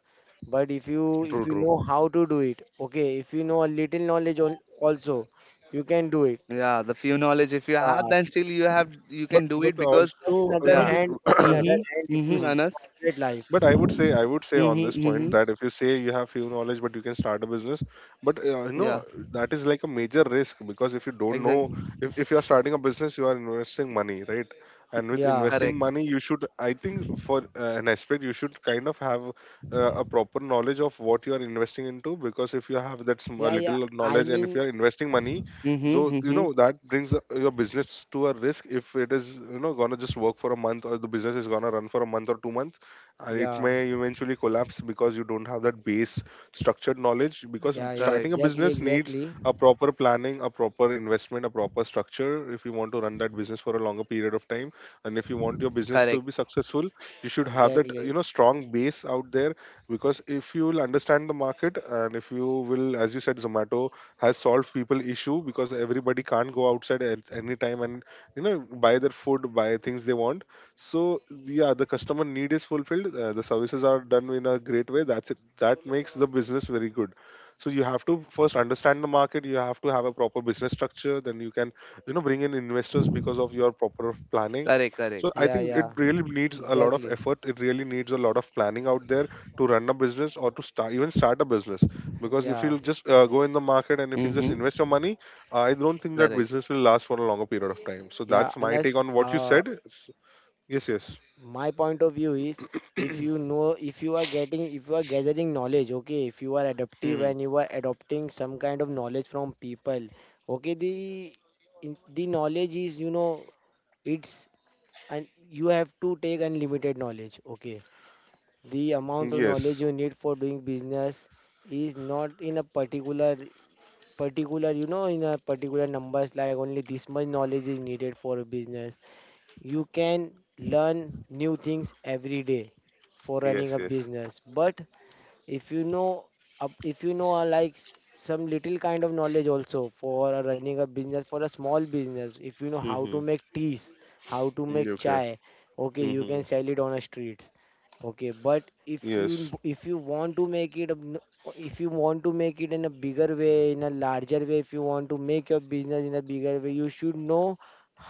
Speaker 3: But if you
Speaker 1: True,
Speaker 3: if you
Speaker 1: true.
Speaker 3: know how to do it, okay. If you know a little knowledge al- also, you can do it.
Speaker 2: Yeah, the few knowledge if you
Speaker 3: Yeah.
Speaker 2: have then still you have you
Speaker 1: But
Speaker 2: can do
Speaker 1: but
Speaker 2: it
Speaker 3: But,
Speaker 2: because
Speaker 3: but in
Speaker 1: also you
Speaker 3: other
Speaker 1: know
Speaker 2: yeah.
Speaker 1: but
Speaker 3: hand, but in other
Speaker 2: Mhm.
Speaker 3: hand, if you
Speaker 2: Mhm
Speaker 1: Mm,
Speaker 3: see
Speaker 2: Anas.
Speaker 3: corporate life,
Speaker 1: but i would say i would say on
Speaker 2: Mhm.
Speaker 1: this point
Speaker 2: Mhm.
Speaker 1: that if you say you have few knowledge but you can start a business but uh, you
Speaker 2: Yeah,
Speaker 1: know that is like a major risk because if you don't know
Speaker 2: exactly.
Speaker 1: if, if you are starting a business, you are investing money, right? And with
Speaker 2: Uh,
Speaker 3: yeah,
Speaker 1: investing
Speaker 2: correct.
Speaker 1: money, you should, I think, for uh, an aspect, you should kind of have uh, a proper knowledge of what you are investing into, because if you have that sm- a
Speaker 3: yeah, yeah.
Speaker 1: little
Speaker 3: I
Speaker 1: knowledge and if you
Speaker 3: mean,
Speaker 1: are investing money,
Speaker 2: Mhm.
Speaker 1: so you
Speaker 2: Mhm.
Speaker 1: know that brings uh, your business to a risk if it is you know gonna just work for a month or the business is gonna run for a month or two months, and it
Speaker 3: yeah,
Speaker 1: may eventually collapse because you don't have that base structured knowledge, because
Speaker 2: Uh,
Speaker 3: yeah, yeah.
Speaker 1: starting a
Speaker 2: correct.
Speaker 3: Exactly,
Speaker 1: business needs
Speaker 3: exactly,
Speaker 1: a proper planning, a proper investment, a proper structure if you want to run that business for a longer period of time and if you want your business to
Speaker 2: Correct.
Speaker 1: be successful. You should have that
Speaker 3: exactly.
Speaker 1: you know strong base out there, because if you will understand the market, and if you will, as you said, zomato has solved people issue because everybody can't go outside at any time and you know buy their food, buy things they want. So yeah, the customer need is fulfilled, uh, the services are done in a great way, that's it, that makes the business very good. So you have to first understand the market, you have to have a proper business structure, then you can you know bring in investors because of your proper planning.
Speaker 2: Correct.
Speaker 1: So
Speaker 2: Correct.
Speaker 1: I
Speaker 3: Yeah,
Speaker 1: think
Speaker 3: yeah,
Speaker 1: it really needs a lot of
Speaker 3: exactly.
Speaker 1: effort, it really needs a lot of planning out there to run a business or to start, even start a business, because if
Speaker 3: Yeah,
Speaker 1: you'll just uh, go in the market and if you just
Speaker 2: Mhm.
Speaker 1: invest your money, uh, I don't think that
Speaker 2: Correct.
Speaker 1: business will last for a longer period of time. So
Speaker 3: yeah.
Speaker 1: that's my take
Speaker 3: Unless,
Speaker 1: on what you
Speaker 3: uh,
Speaker 1: said. Yes, yes.
Speaker 3: my point of view is, if you know if you are getting if you are gathering knowledge, okay, if you are
Speaker 1: Mm-hmm.
Speaker 3: adaptive and you are adopting some kind of knowledge from people, okay, the in- the knowledge is, you know it's and you have to take unlimited knowledge, okay. The amount of knowledge
Speaker 1: Yes.
Speaker 3: you need for doing business is not in a particular particular you know in a particular numbers, like only this much knowledge is needed for a business. You can learn new things every day for running
Speaker 1: Yes.
Speaker 3: a
Speaker 1: Yes.
Speaker 3: business. But if you know up if you know, uh, like s- some little kind of knowledge also for uh, running a business, for a small business, if you know how to
Speaker 1: Mm-hmm.
Speaker 3: make teas, how to make
Speaker 1: Okay.
Speaker 3: chai, okay, you can
Speaker 1: Mm-hmm.
Speaker 3: sell it on the streets, okay. But if you—
Speaker 1: Yes.
Speaker 3: if you want to make it a n- if you want to make it in a bigger way, in a larger way, if you want to make your business in a bigger way, you should know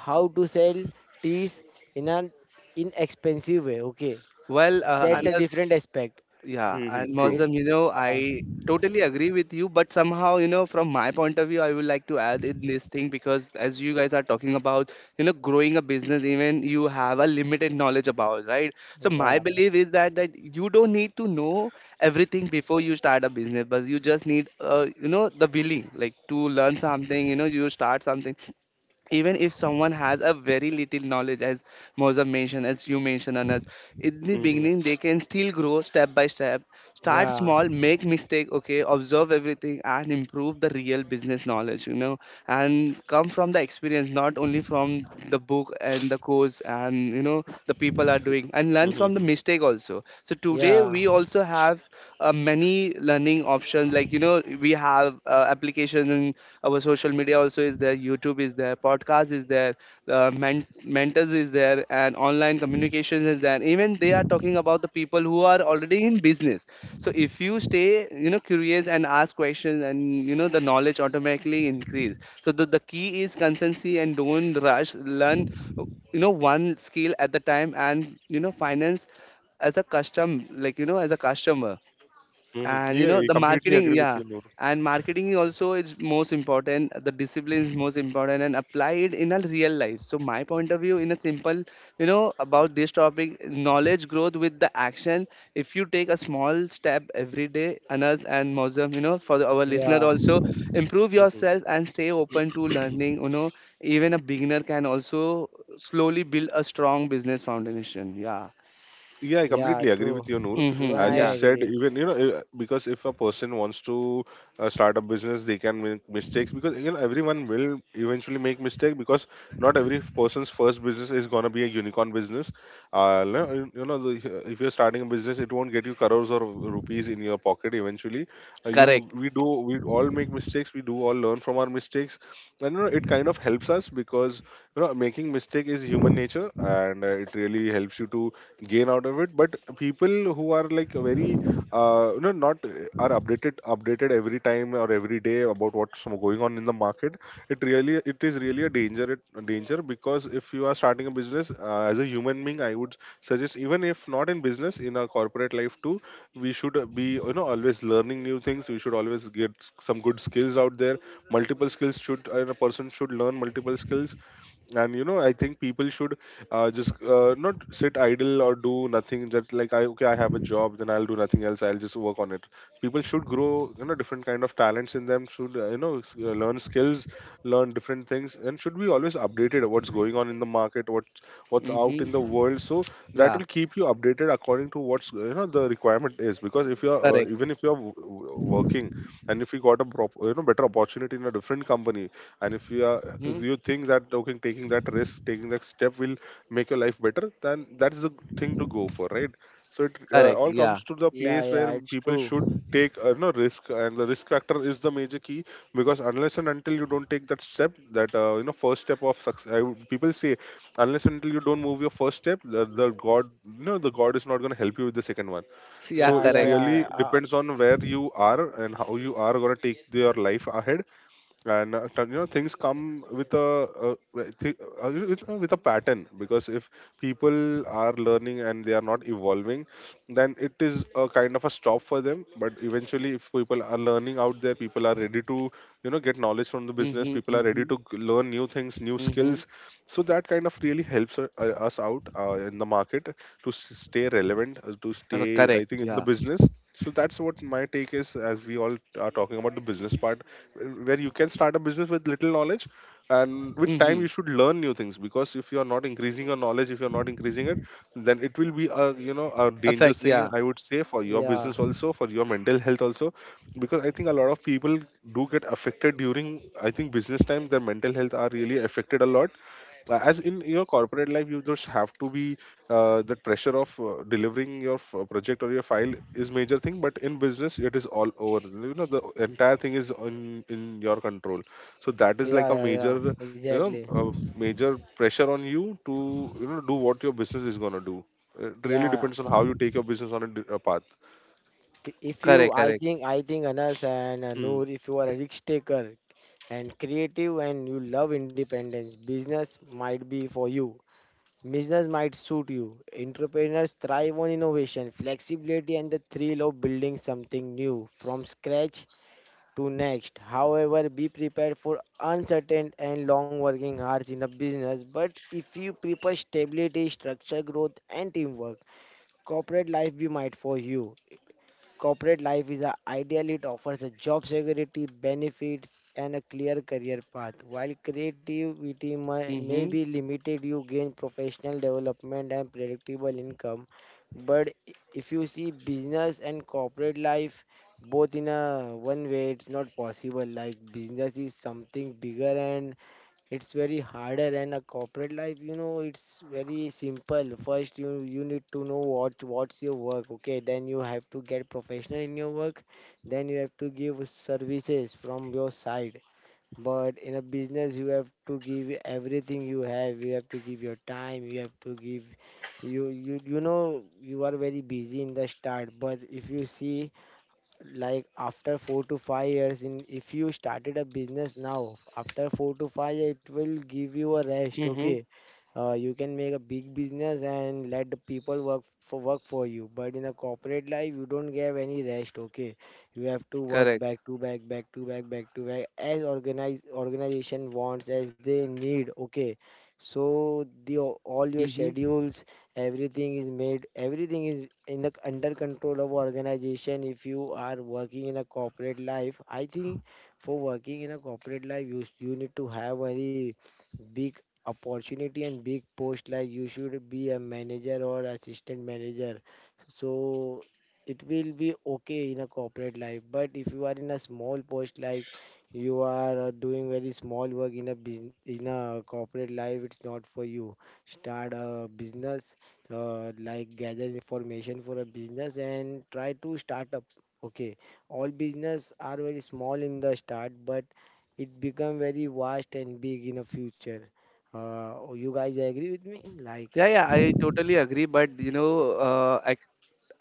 Speaker 3: how to sell teas in an inexpensive way, okay.
Speaker 2: Well, uh,
Speaker 3: That's a
Speaker 2: Anas,
Speaker 3: different aspect.
Speaker 2: yeah,
Speaker 1: Mm-hmm.
Speaker 2: and
Speaker 1: True.
Speaker 3: It's
Speaker 2: Mozam, you know,
Speaker 3: uh,
Speaker 2: I totally agree with you, but somehow, you know, from my point of view, I would like to add in this thing because as you guys are talking about, you know, growing a business, even you have a limited knowledge about, right? So my
Speaker 3: Yeah,
Speaker 2: belief is that that you don't need to know everything before you start a business, but you just need, uh, you know, the willing, like to learn something, you know, you start something even if someone has a very little knowledge as Mozam mentioned, as you mentioned Anas, in the
Speaker 1: Mm-hmm.
Speaker 2: beginning they can still grow step by step. Start
Speaker 3: yeah,
Speaker 2: small, make mistake, okay, observe everything and improve the real business knowledge, you know, and come from the experience, not only from the book and the course and you know the people are doing, and learn from the
Speaker 1: Mm-hmm.
Speaker 2: mistake also. So today
Speaker 3: yeah,
Speaker 2: we also have uh, many learning options, like you know we have uh, application in our social media also is there, youtube is there, podcast is there, uh, men- mentors is there, and online communications is there, even they are talking about the people who are already in business. So if you stay, you know, curious and ask questions, and you know the knowledge automatically increase. So the, the key is consistency, and don't rush. Learn, you know, one skill at the time, and you know finance as a custom, like you know as a customer,
Speaker 1: Mm-hmm.
Speaker 2: and you
Speaker 1: Yeah,
Speaker 2: know
Speaker 1: I
Speaker 2: the
Speaker 1: completely
Speaker 2: marketing,
Speaker 1: agree with
Speaker 2: yeah,
Speaker 1: you,
Speaker 2: and marketing also is most important, the discipline is most important, and apply it in a real life. So my point of view in a simple, you know, about this topic, knowledge growth with the action. If you take a small step every day, Anas and Mozam, you know, for the, our listener
Speaker 3: yeah,
Speaker 2: also, improve
Speaker 1: Noor.
Speaker 2: yourself and stay open to learning, you know, even a beginner can also slowly build a strong business foundation, yeah.
Speaker 1: Yeah, I
Speaker 3: yeah,
Speaker 1: completely agree
Speaker 3: true.
Speaker 1: with you, Noor.
Speaker 3: Even
Speaker 2: Mm-hmm,
Speaker 1: As you
Speaker 3: I
Speaker 2: yeah.
Speaker 1: said,
Speaker 3: agree.
Speaker 1: even you know, uh, because if a person wants to uh, start a business, they can make mistakes, because you know everyone will eventually make mistake, because not every person's first business is gonna be a unicorn business. Uh, no, you know, you know, the, if you're starting a business, it won't get you crores or rupees in your pocket eventually. Uh, you,
Speaker 2: Correct.
Speaker 1: we do, we all make mistakes. We do all learn from our mistakes, and you know, it kind of helps us because you know making mistake is human nature, and uh, it really helps you to gain out of it. But people who are like very uh, you know not uh, are updated updated every time or every day about what's going on in the market, it really, it is really a danger, a danger, because if you are starting a business, uh, as a human being, I would suggest, even if not in business, in our corporate life too, we should uh, be you know always learning new things, we should always get some good skills out there. Multiple skills should, and a person should learn multiple skills, and you know I think people should uh, just uh, not sit idle or do nothing, just like I, okay, I have a job, then I'll do nothing else, I'll just work on it. People should grow you know different kind of talents in them, should uh, you know s- uh, learn skills, learn different things, and should be always updated what's going on in the market, what's what's out
Speaker 2: Mm-hmm,
Speaker 1: in the world. So that
Speaker 2: yeah.
Speaker 1: will keep you updated according to what's uh, you know the requirement is, because if you're uh,
Speaker 2: Correct.
Speaker 1: even if you're w- w- working, and if you got a prop, you know, better opportunity in a different company, and if you are, if
Speaker 2: Mhm.
Speaker 1: you think that okay taking that risk, taking that step will make your life better, then that is the thing to go for, right? So it uh,
Speaker 2: Correct,
Speaker 1: all
Speaker 2: yeah.
Speaker 1: comes to the
Speaker 3: Yeah,
Speaker 1: place
Speaker 3: yeah,
Speaker 1: where
Speaker 3: it's
Speaker 1: people
Speaker 3: true.
Speaker 1: should take uh, no risk, and the risk factor is the major key, because unless and until you don't take that step, that uh, you know first step of success, I would, people say, unless and until you don't move your first step, the, the god, you know the god is not going to help you with the second one.
Speaker 2: Yeah,
Speaker 1: So
Speaker 3: Yeah,
Speaker 1: it
Speaker 3: yeah,
Speaker 2: correct.
Speaker 1: really
Speaker 3: yeah, uh,
Speaker 1: depends on where you are and how you are going to take your life ahead. And uh, you know things come with a uh, with thi- uh, with uh, with a pattern, because if people are learning and they are not evolving, then it is a kind of a stop for them. But eventually, if people are learning out there, people are ready to you know get knowledge from the business,
Speaker 2: Mhm,
Speaker 1: people are
Speaker 2: mhm,
Speaker 1: ready to g- learn new things, new
Speaker 2: mhm.
Speaker 1: skills. So that kind of really helps u- uh, us out uh, in the market to s- stay relevant, uh, to
Speaker 2: Cor-
Speaker 1: stay I
Speaker 2: Correct,
Speaker 1: think in the
Speaker 2: yeah.
Speaker 1: business. So that's what my take is, as we all are talking about the business part, wh- where you can start a business with little knowledge, and with time you
Speaker 2: Mhm.
Speaker 1: should learn new things, because if you are not increasing your knowledge, if you are not increasing it, then it will be a you know a danger
Speaker 2: Affect,
Speaker 1: scene,
Speaker 2: yeah.
Speaker 1: I would say, for your
Speaker 3: yeah,
Speaker 1: business, also for your mental health also. Because I think a lot of people do get affected during, I think, business time, their mental health are really affected a lot. Uh, as in your corporate life, you just have to be uh, the pressure of uh, delivering your f- project or your file is major thing, but in business it is all over, you know the entire thing is in in your control. So that is
Speaker 3: yeah,
Speaker 1: like a
Speaker 3: yeah, yeah,
Speaker 1: major, you
Speaker 3: exactly.
Speaker 1: know a major pressure on you to you know do what your business is going to do. It really
Speaker 3: Yeah,
Speaker 1: depends on how you take your business on a, di- a path.
Speaker 3: i- if you,
Speaker 2: Correct,
Speaker 3: I
Speaker 2: correct,
Speaker 3: think, I think Anas and uh,
Speaker 1: Hmm.
Speaker 3: Noor, if you are a risk taker and creative and you love independence, business might be for you. Business might suit you. Entrepreneurs thrive on innovation, flexibility, and the thrill of building something new from scratch to next. However, be prepared for uncertain and long working hours in a business. But if you prefer stability, structure, growth, and teamwork, corporate life be might for you. Corporate life is a ideal, it offers a job security, benefits, and a clear career path. While creativity may, may be
Speaker 2: mhm,
Speaker 3: limited, you gain professional development and predictable income. But i- if you see business and corporate life both in a one way, it's not possible. Like business is something bigger and it's very harder, and a corporate life, you know, it's very simple. First, you you need to know what what's your work, okay. Then you have to get professional in your work, then you have to give services from your side. But in a business, you have to give everything you have. You have to give your time, you have to give— you you you know, you are very busy in the start. But if you see, like, after four to five years in— if you started a business now, after four to five year, it will give you a rest,
Speaker 2: mhm,
Speaker 3: okay. Uh, you can make a big business and let the people work for work for you. But in a corporate life, you don't have any rest, okay. You have to work
Speaker 2: correct,
Speaker 3: back to back, back to back, back to back, as organize organization wants, as they need, okay. So the all your
Speaker 2: mhm.
Speaker 3: schedules, everything is made, everything is in the under control of organization if you are working in a corporate life. I think for working in a corporate life, you you need to have very big opportunity and big post, like you should be a manager or assistant manager. So it will be okay in a corporate life. But if you are in a small post, like you are uh, doing very small work in a business, in a corporate life, it's not for you. Start a business. Uh, like, gather information for a business and try to start up, okay. All business are very small in the start, but it become very vast and big in the future. Uh, you guys agree with me, like,
Speaker 2: Yeah, yeah, I totally agree. But you know, uh, I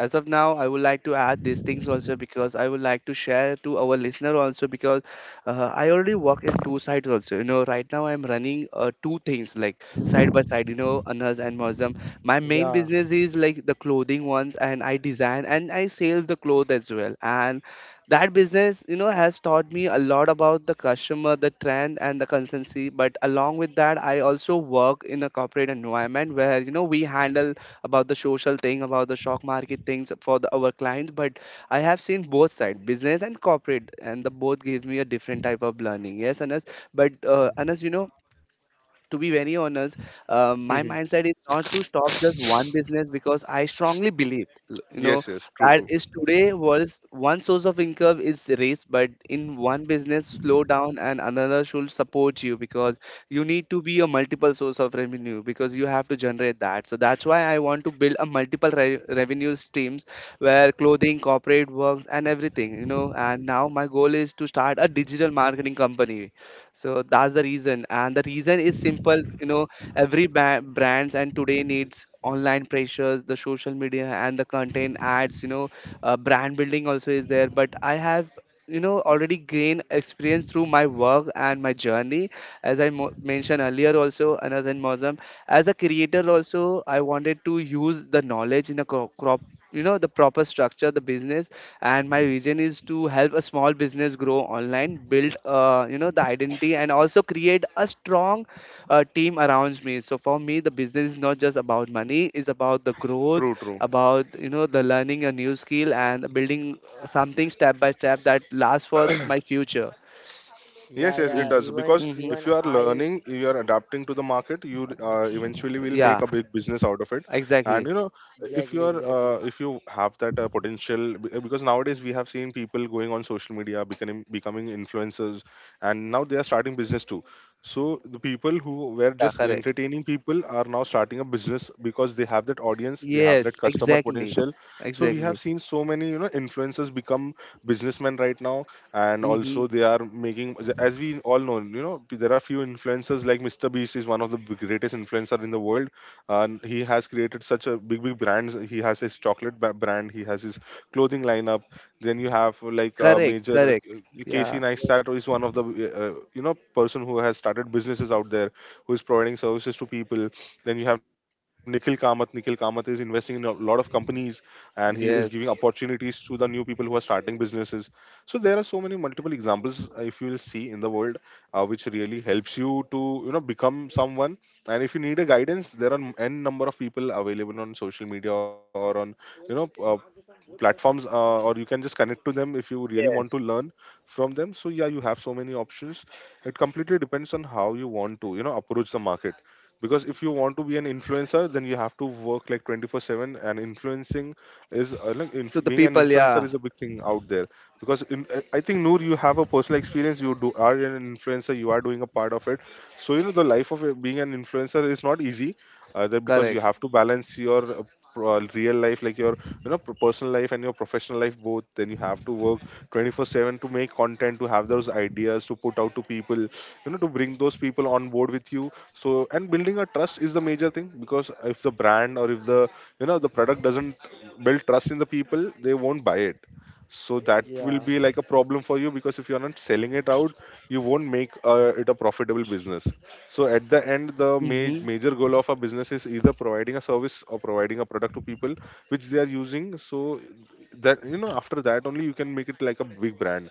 Speaker 2: as of now I would like to add these things also, because I would like to share to our listener also. Because uh, I already work in two sides also, you know, right now I'm running uh, two things like side by side, you know, Anhas and Mozam. My main
Speaker 3: yeah.
Speaker 2: business is like the clothing ones, and I design and I sell the clothes as well. And that business, you know, has taught me a lot about the customer, the trend and the consistency. But along with that I also work in a corporate environment where you know we handle about the social thing, about the stock market things for the, our clients. But I have seen both sides, business and corporate, and the both gives me a different type of learning. Yes, Anas. But uh,
Speaker 3: Mm.
Speaker 2: Anas, you know, to be very honest, uh, my mindset is not to stop just one business, because I strongly believe, l- you know,
Speaker 1: Yes, yes, true,
Speaker 2: that
Speaker 1: true.
Speaker 2: is today was one source of income is raised, but in one business, slow down and another should support you, because you need to be a multiple source of revenue because you have to generate that. So that's why I want to build a multiple re- revenue streams where clothing, corporate works, and everything, you know. And now my goal is to start a digital marketing company, so that's the reason, and the reason is simple, you know, every ba- brands and today needs online pressures, the social media and the content ads, you know, uh, brand building also is there. But I have, you know, already gained experience through my work and my journey, as i mo- mentioned earlier also, and as in Mozam, as a creator also I wanted to use the knowledge in a crop, crop you know, the proper structure the business. And my vision is to help a small business grow online, build uh, you know the identity, and also create a strong uh, team around me. So for me the business is not just about money, it's about the growth,
Speaker 1: True, true.
Speaker 2: about you know the learning a new skill, and building uh, something step by step that lasts for my future.
Speaker 3: Yeah,
Speaker 1: Yes, yes, it
Speaker 3: yeah.
Speaker 2: Mm.
Speaker 1: does.
Speaker 3: even
Speaker 1: Because
Speaker 2: Hmm.
Speaker 3: even
Speaker 1: if you are
Speaker 3: i
Speaker 1: learning, you are adapting to the market, you uh, eventually will make
Speaker 2: Yeah.
Speaker 1: a big business out of it. And
Speaker 2: Exactly.
Speaker 1: you know, if
Speaker 3: exactly,
Speaker 1: you are,
Speaker 3: exactly.
Speaker 1: uh, if you have that uh, potential, be- uh, because nowadays we have seen people going on social media, becoming becoming influencers, and now they are starting business too. So the people who were
Speaker 2: Yeah,
Speaker 1: just
Speaker 2: correct.
Speaker 1: entertaining people are now starting a business, because they have that audience, they have that
Speaker 2: Yes,
Speaker 1: customer
Speaker 2: exactly.
Speaker 1: potential. So we have
Speaker 2: Exactly.
Speaker 1: seen so many you know influencers become businessmen right now, and
Speaker 2: Hmm.
Speaker 1: also they are making, as we all know, you know there are few influencers like Mr Beast is one of the big- greatest influencer in the world. And he has created such a big, big brands, he has his chocolate ba- brand, he has his clothing lineup. Then you have, uh, like a
Speaker 2: Correct,
Speaker 1: major uh,
Speaker 2: correct. Yeah.
Speaker 1: Casey
Speaker 3: Exact-
Speaker 1: Neistat is one of the uh, uh, you know person who has started businesses out there, who is providing services to people. Then you have Nikhil Kamath. Nikhil Kamath is investing in a lot of companies, and he is giving
Speaker 2: Yes.
Speaker 1: opportunities to the new people who are starting businesses. So there are so many multiple examples, uh, if you will see in the world, uh, which really helps you to you know become someone. And if you need a guidance, there are n number of people available on social media or on you know uh, platforms, uh, or you can just connect to them if you really want to learn from them. So yeah, you have so many options. It completely depends on how you want to you know approach the market, because if you want to be an influencer, then you have to work like twenty-four seven, and influencing is uh, like
Speaker 2: To
Speaker 1: inf-
Speaker 2: the
Speaker 1: being an
Speaker 2: people,
Speaker 1: influencer
Speaker 2: yeah.
Speaker 1: is a big thing out there. Because in, uh, I think Noor, you have a personal experience, you do are an influencer, you are doing a part of it. So you know the life of a- being an influencer is not easy, uh, that because you
Speaker 2: Correct.
Speaker 1: have to balance your uh, pro- uh, real life, like your you know pro- personal life and your professional life both. Then you have to work twenty-four seven to make content, to have those ideas to put out to people, you know, to bring those people on board with you. So, and building a trust is the major thing, because if the brand or if the you know the product doesn't build trust in the people, they won't buy it. So that will
Speaker 3: yeah,
Speaker 1: Be like a problem for you because if you're not selling it out, you won't make uh, it a profitable business. So at the end, the ma-
Speaker 2: Mm-hmm.
Speaker 1: major goal of a business is either providing a service or providing a product to people which they are using. So that you know, after that only you can make it like a big brand.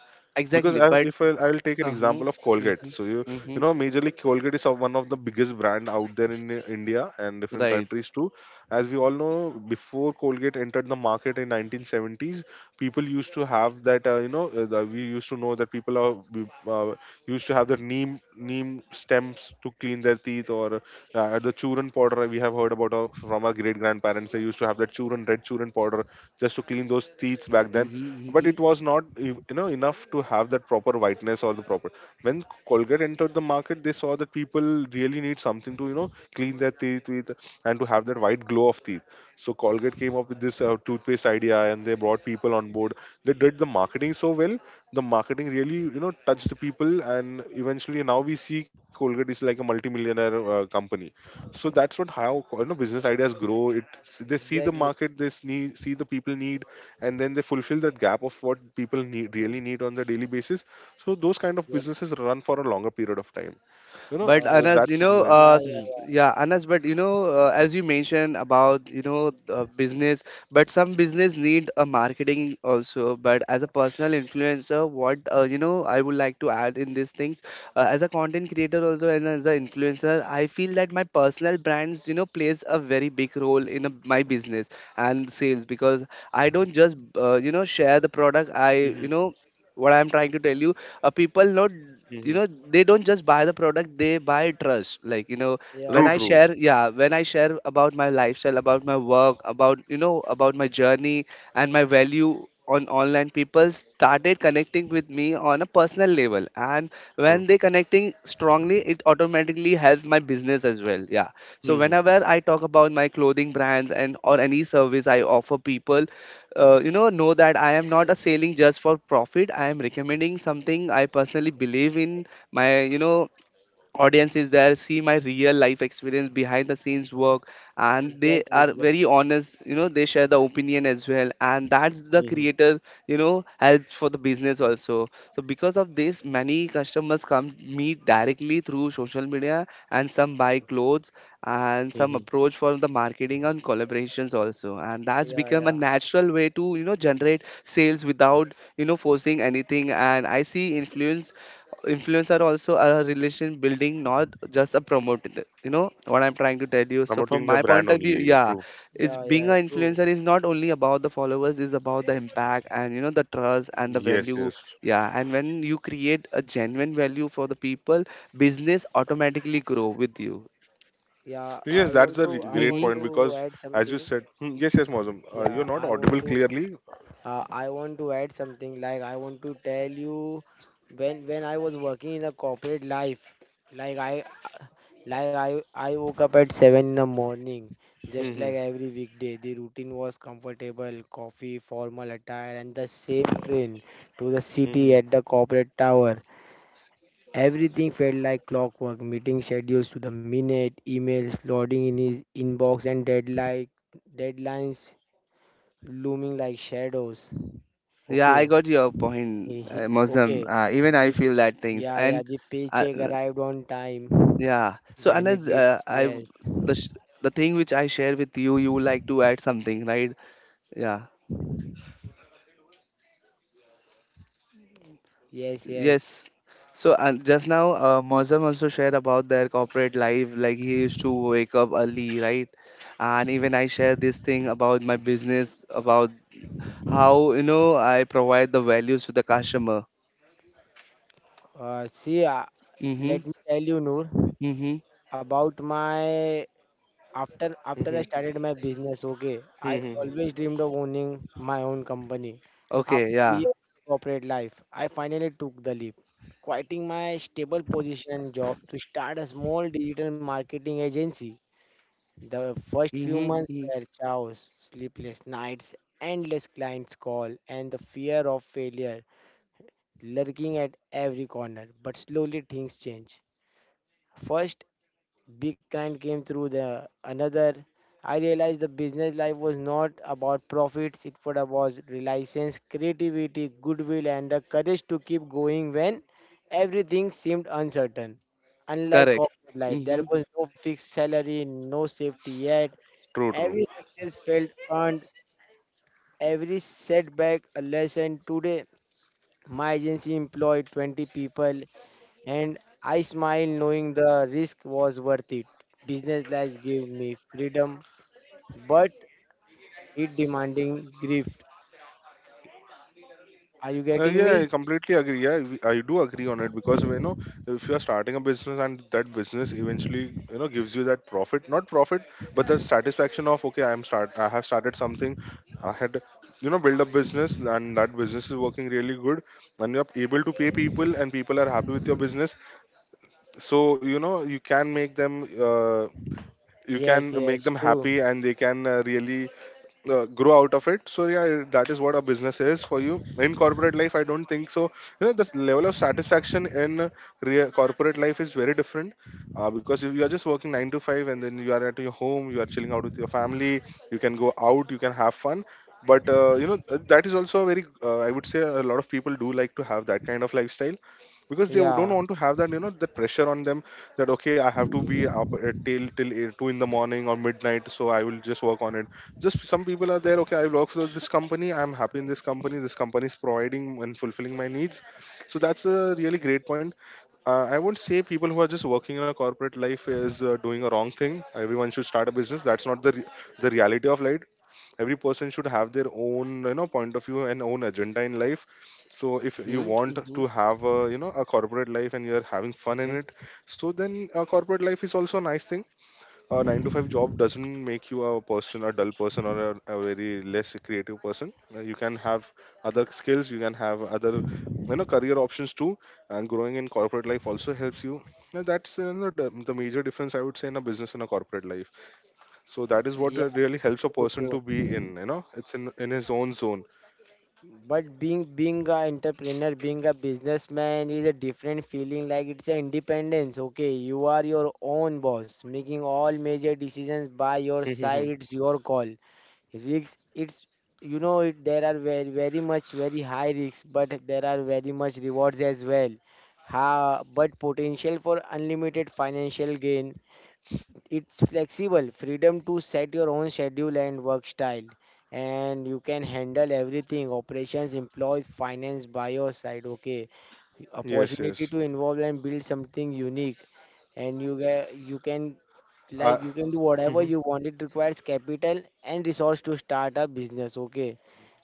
Speaker 1: Because
Speaker 2: Exactly.
Speaker 1: I,
Speaker 2: But.
Speaker 1: if I, I'll take an
Speaker 2: Uh-huh.
Speaker 1: example of Colgate,
Speaker 2: Mm-hmm.
Speaker 1: so you
Speaker 2: Mm-hmm.
Speaker 1: you know, majorly Colgate is of one of the biggest brand out there in uh, India and different
Speaker 2: Right.
Speaker 1: countries too. As we all know, before Colgate entered the market in nineteen seventies, people used to have that uh, you know uh, the, we used to know that people are we, uh, used to have the neem neem stems to clean their teeth, or uh, the churan powder we have heard about our, from our great grandparents. They used to have that churan red churan powder just to clean those teeth back then.
Speaker 2: Mm-hmm.
Speaker 1: But
Speaker 2: Mm-hmm.
Speaker 1: it was not you you know enough to have that proper whiteness or the proper when Colgate entered the market, they saw that people really need something to you know clean their teeth with and to have that white glow of teeth. So Colgate came up with this uh, toothpaste idea, and they brought people on board. They did the marketing so well. The marketing really, you know, touched the people, and eventually now we see Colgate is like a multimillionaire uh, company. So that's what how you know business ideas grow. It They see the
Speaker 3: exactly.
Speaker 1: market, they see, see the people need, and then they fulfill that gap of what people need,
Speaker 3: Mhm.
Speaker 1: really need on the daily basis. So those kind of
Speaker 3: Yeah,
Speaker 1: businesses run for a longer period of time. You know,
Speaker 2: But
Speaker 1: uh,
Speaker 3: uh,
Speaker 2: Anas, you
Speaker 1: that's
Speaker 2: know,
Speaker 1: my
Speaker 3: yeah,
Speaker 2: uh,
Speaker 3: yeah,
Speaker 2: s-
Speaker 3: yeah,
Speaker 2: yeah, Anas. But you know, uh, as you mentioned about you know uh, business, but some business need a marketing also. But as a personal influencer, what uh, you know, I would like to add in these things. Uh, as a content creator also and as an influencer, I feel that my personal brands you know plays a very big role in a, my business and sales, because I don't just uh, you know share the product. I, you know, what I'm trying to tell you, uh, people not, you
Speaker 1: Mm-hmm.
Speaker 2: know, they don't just buy the product, they buy trust, like you know
Speaker 3: yeah,
Speaker 2: when
Speaker 1: True,
Speaker 2: I
Speaker 1: true.
Speaker 2: share, yeah, when I share about my lifestyle, about my work, about you know about my journey and my value on online, people started connecting with me on a personal level, and
Speaker 1: True.
Speaker 2: when they connecting strongly it automatically helps my business as well, yeah. So
Speaker 1: Hmm.
Speaker 2: whenever I talk about my clothing brands, and or any service I offer people, uh, you know know that I am not a selling just for profit, I am recommending something I personally believe in. My, you know, audience is there, see my real life experience, behind the scenes work, and they
Speaker 3: exactly,
Speaker 2: are
Speaker 3: exactly.
Speaker 2: very honest, you know, they share the opinion as well, and that's the
Speaker 1: Hmm.
Speaker 2: creator, you know, helps for the business also. So because of this many customers come meet directly through social media and some buy clothes, and some
Speaker 1: Hmm.
Speaker 2: approach for the marketing and collaborations also, and that's
Speaker 3: Yeah,
Speaker 2: become a
Speaker 3: yeah,
Speaker 2: natural way to, you know, generate sales without, you know, forcing anything. And I see influence influencer also are a relation building, not just a promoter. You know what I'm trying to tell you. So from
Speaker 1: Promoting the
Speaker 2: my point
Speaker 1: brand
Speaker 2: of view,
Speaker 1: only.
Speaker 2: yeah,
Speaker 1: True.
Speaker 2: it's
Speaker 3: yeah,
Speaker 2: being
Speaker 3: yeah,
Speaker 2: an
Speaker 3: true.
Speaker 2: influencer is not only about the followers, is about the impact and you know the trust and the
Speaker 1: Yes,
Speaker 2: value.
Speaker 1: yes.
Speaker 2: Yeah, and when you create a genuine value for the people, business automatically grow with you.
Speaker 3: Yeah, I
Speaker 1: Yes,
Speaker 3: want
Speaker 1: that's
Speaker 3: to,
Speaker 1: a re-
Speaker 3: i
Speaker 1: great
Speaker 3: want
Speaker 2: Mm-hmm.
Speaker 1: point
Speaker 3: to
Speaker 1: because,
Speaker 3: add
Speaker 1: as you
Speaker 3: something.
Speaker 1: said, hmm, yes, yes, Mozum, uh, you're
Speaker 3: Yeah,
Speaker 1: not
Speaker 3: I want
Speaker 1: audible
Speaker 3: to—
Speaker 1: clearly.
Speaker 3: uh, I want to add something, like, I want to tell you, when when I was working in a corporate life, like i like i i woke up at seven in the morning, just
Speaker 1: Hmm.
Speaker 3: like every weekday. The routine was comfortable coffee, formal attire, and the same train to the city,
Speaker 1: Hmm.
Speaker 3: at the corporate tower. Everything felt like clockwork: meeting schedules to the minute, emails flooding in his inbox, and deadline, deadlines looming like shadows.
Speaker 2: Yeah, I
Speaker 3: Okay.
Speaker 2: got your point,
Speaker 3: he, he,
Speaker 2: uh, Mosam.
Speaker 3: okay,
Speaker 2: Uh, even I
Speaker 3: the
Speaker 2: feel that things
Speaker 3: Yeah, yeah,
Speaker 2: and.
Speaker 3: the
Speaker 2: Uh,
Speaker 3: paycheck arrived on time.
Speaker 2: Yeah. So Anas, uh,
Speaker 3: Benefits,
Speaker 2: I,
Speaker 3: yes,
Speaker 2: the sh the thing which I share with you, you like to add something, right? Yeah.
Speaker 3: yes, yes.
Speaker 2: Yes. So uh, just now, uh, Mozam also shared about their corporate life. Like he used to wake up early, right? And even I share this thing about my business, about how you know I provide the values to the customer.
Speaker 3: Uh, see, uh,
Speaker 2: Mm-hmm.
Speaker 3: let me tell you, Noor,
Speaker 2: Mm-hmm.
Speaker 3: about my— After
Speaker 1: Hmm.
Speaker 3: after
Speaker 1: Hmm.
Speaker 3: I started my business, okay, I
Speaker 1: Hmm.
Speaker 3: always dreamed of owning my own company.
Speaker 2: Okay.
Speaker 3: After
Speaker 2: Yeah.
Speaker 3: years of corporate life, I finally took the leap, quitting my stable position job to start a small digital marketing agency. The first few
Speaker 2: Mm-hmm.
Speaker 3: months
Speaker 2: Hmm.
Speaker 3: were chaos: sleepless nights, endless clients call, and the fear of failure lurking at every corner. But slowly things change. First, Big Kind came through the another. I realized the business life was not about profits, it was about reliance, creativity, goodwill, and the courage to keep going when everything seemed uncertain. Unlike
Speaker 2: Correct.
Speaker 3: corporate life, there
Speaker 2: Mm-hmm.
Speaker 3: was no fixed salary, no safety yet.
Speaker 1: True, true.
Speaker 3: Every success felt earned, every setback a lesson. Today, my agency employed twenty people, and I smiled, knowing the risk was worth it. Business life gave me freedom, but it demanding grief. Are you
Speaker 1: Uh,
Speaker 3: getting
Speaker 1: yeah,
Speaker 3: me?
Speaker 1: I completely agree. Yeah, we- I do agree on it because you know if you are starting a business and that business eventually you know gives you that profit, not profit, but the satisfaction of okay, I'm start, I have started something, I had you know build a business and that business is working really good, and you're able to pay people and people are happy with your business. So you know you can make them. Uh, you
Speaker 3: Yes,
Speaker 1: can make
Speaker 3: yes,
Speaker 1: them
Speaker 3: true.
Speaker 1: happy and they can uh, really uh, grow out of it. So yeah, that is what a business is for you. In corporate life, I don't think so, you know, the level of satisfaction in real corporate life is very different. Uh, because if you are just working nine to five and then you are at your home, you are chilling out with your family, you can go out, you can have fun, but uh, you know uh, that is also a very uh, I would say a lot of people do like to have that kind of lifestyle because they don't
Speaker 3: Yeah,
Speaker 1: want to have that you know that pressure on them, that okay, I have to be up at till till eight- two in the morning or midnight, so I will just work on it. Just some people are there, okay, I work for this company, I'm happy in this company, this company is providing and fulfilling my needs. So that's a really great point. uh, I won't say people who are just working in a corporate life is uh, doing a wrong thing, everyone should start a business. That's not the re- the reality of life. Every person should have their own you know point of view and own agenda in life. So if you
Speaker 2: Mm-hmm.
Speaker 1: want
Speaker 2: Mm-hmm.
Speaker 1: to have a you know a corporate life and you're having fun in
Speaker 2: Okay.
Speaker 1: it, so then a corporate life is also a nice thing. A nine to five job doesn't make you a person, a dull person, or a, a very less creative person. Uh, You can have other skills, you can have other, you know, career options too. And growing in corporate life also helps you. And that's you know, the, the major difference I would say in a business and a corporate life. So that is what
Speaker 3: yeah,
Speaker 1: uh, really helps a
Speaker 3: true,
Speaker 1: person
Speaker 3: true.
Speaker 1: to be in. You know, it's in in his own zone.
Speaker 3: But being being a entrepreneur, being a businessman is a different feeling. Like, it's an independence. Okay, you are your own boss, making all major decisions by your side.
Speaker 1: Yes,
Speaker 3: It's your call. Risks, it's you know it, there are very very much very high risks, but there are very much rewards as well. Ha, but potential for unlimited financial gain. It's flexible— freedom to set your own schedule and work style, and you can handle everything: operations, employees, finance, by your side, okay. Opportunity
Speaker 1: yes.
Speaker 3: to involve and build something unique. And you get, you can,
Speaker 1: Uh,
Speaker 3: like, you can do whatever
Speaker 1: true,
Speaker 3: you want. It requires capital and resource to start a business, okay.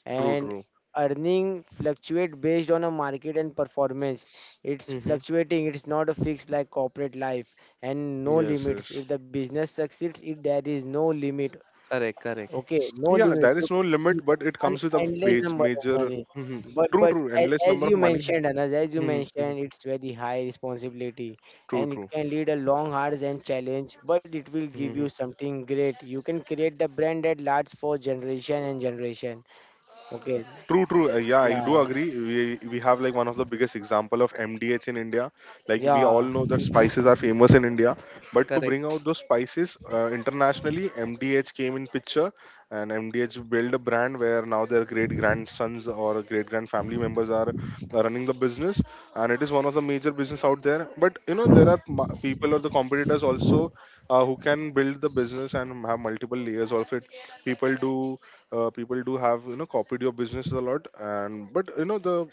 Speaker 3: And
Speaker 1: true.
Speaker 3: earning fluctuate based on a market and performance. It's
Speaker 1: Hmm.
Speaker 3: fluctuating, it's not a fixed like corporate life. And no
Speaker 1: Yes, yes.
Speaker 3: limits. If the business succeeds, if there is no limit,
Speaker 2: Correct. Correct.
Speaker 3: okay, no
Speaker 1: Yeah,
Speaker 3: limit.
Speaker 1: there is
Speaker 3: You
Speaker 1: no
Speaker 3: can, you
Speaker 1: limit,
Speaker 3: can
Speaker 1: but it
Speaker 3: earn
Speaker 1: comes with a
Speaker 3: endless
Speaker 1: baj-
Speaker 3: number of
Speaker 1: major.
Speaker 3: money.
Speaker 1: Mhm.
Speaker 3: But
Speaker 1: True,
Speaker 3: but
Speaker 1: true.
Speaker 3: as,
Speaker 1: Endless
Speaker 3: as
Speaker 1: number of
Speaker 3: you
Speaker 1: money.
Speaker 3: mentioned, Anas, as you
Speaker 1: Mhm, mhm.
Speaker 3: mentioned, it's very high responsibility,
Speaker 1: True,
Speaker 3: and it
Speaker 1: true.
Speaker 3: can lead a long hours and challenge, but it will give you
Speaker 1: Mhm.
Speaker 3: something great. You can create the brand that lasts for generation and generation. Okay.
Speaker 1: True, true. Uh,
Speaker 3: Eh,
Speaker 1: yeah, I do
Speaker 3: yeah.
Speaker 1: agree. We we have like one of the biggest example of M D H in India. Like we all
Speaker 3: Yeah.
Speaker 1: know that
Speaker 2: Mm-hmm.
Speaker 1: spices are
Speaker 2: Mm-hmm.
Speaker 1: famous in India, but to
Speaker 2: Correct.
Speaker 1: bring out those spices uh, internationally, M D H came in picture, and M D H built a brand where now their great grandsons or great grand family members are uh, running the business, and it is one of the major business out there. But you know there are ma- people or the competitors also uh, who can build the business and have multiple layers of it. People do uh, People do have you know copied your business a lot and but you know the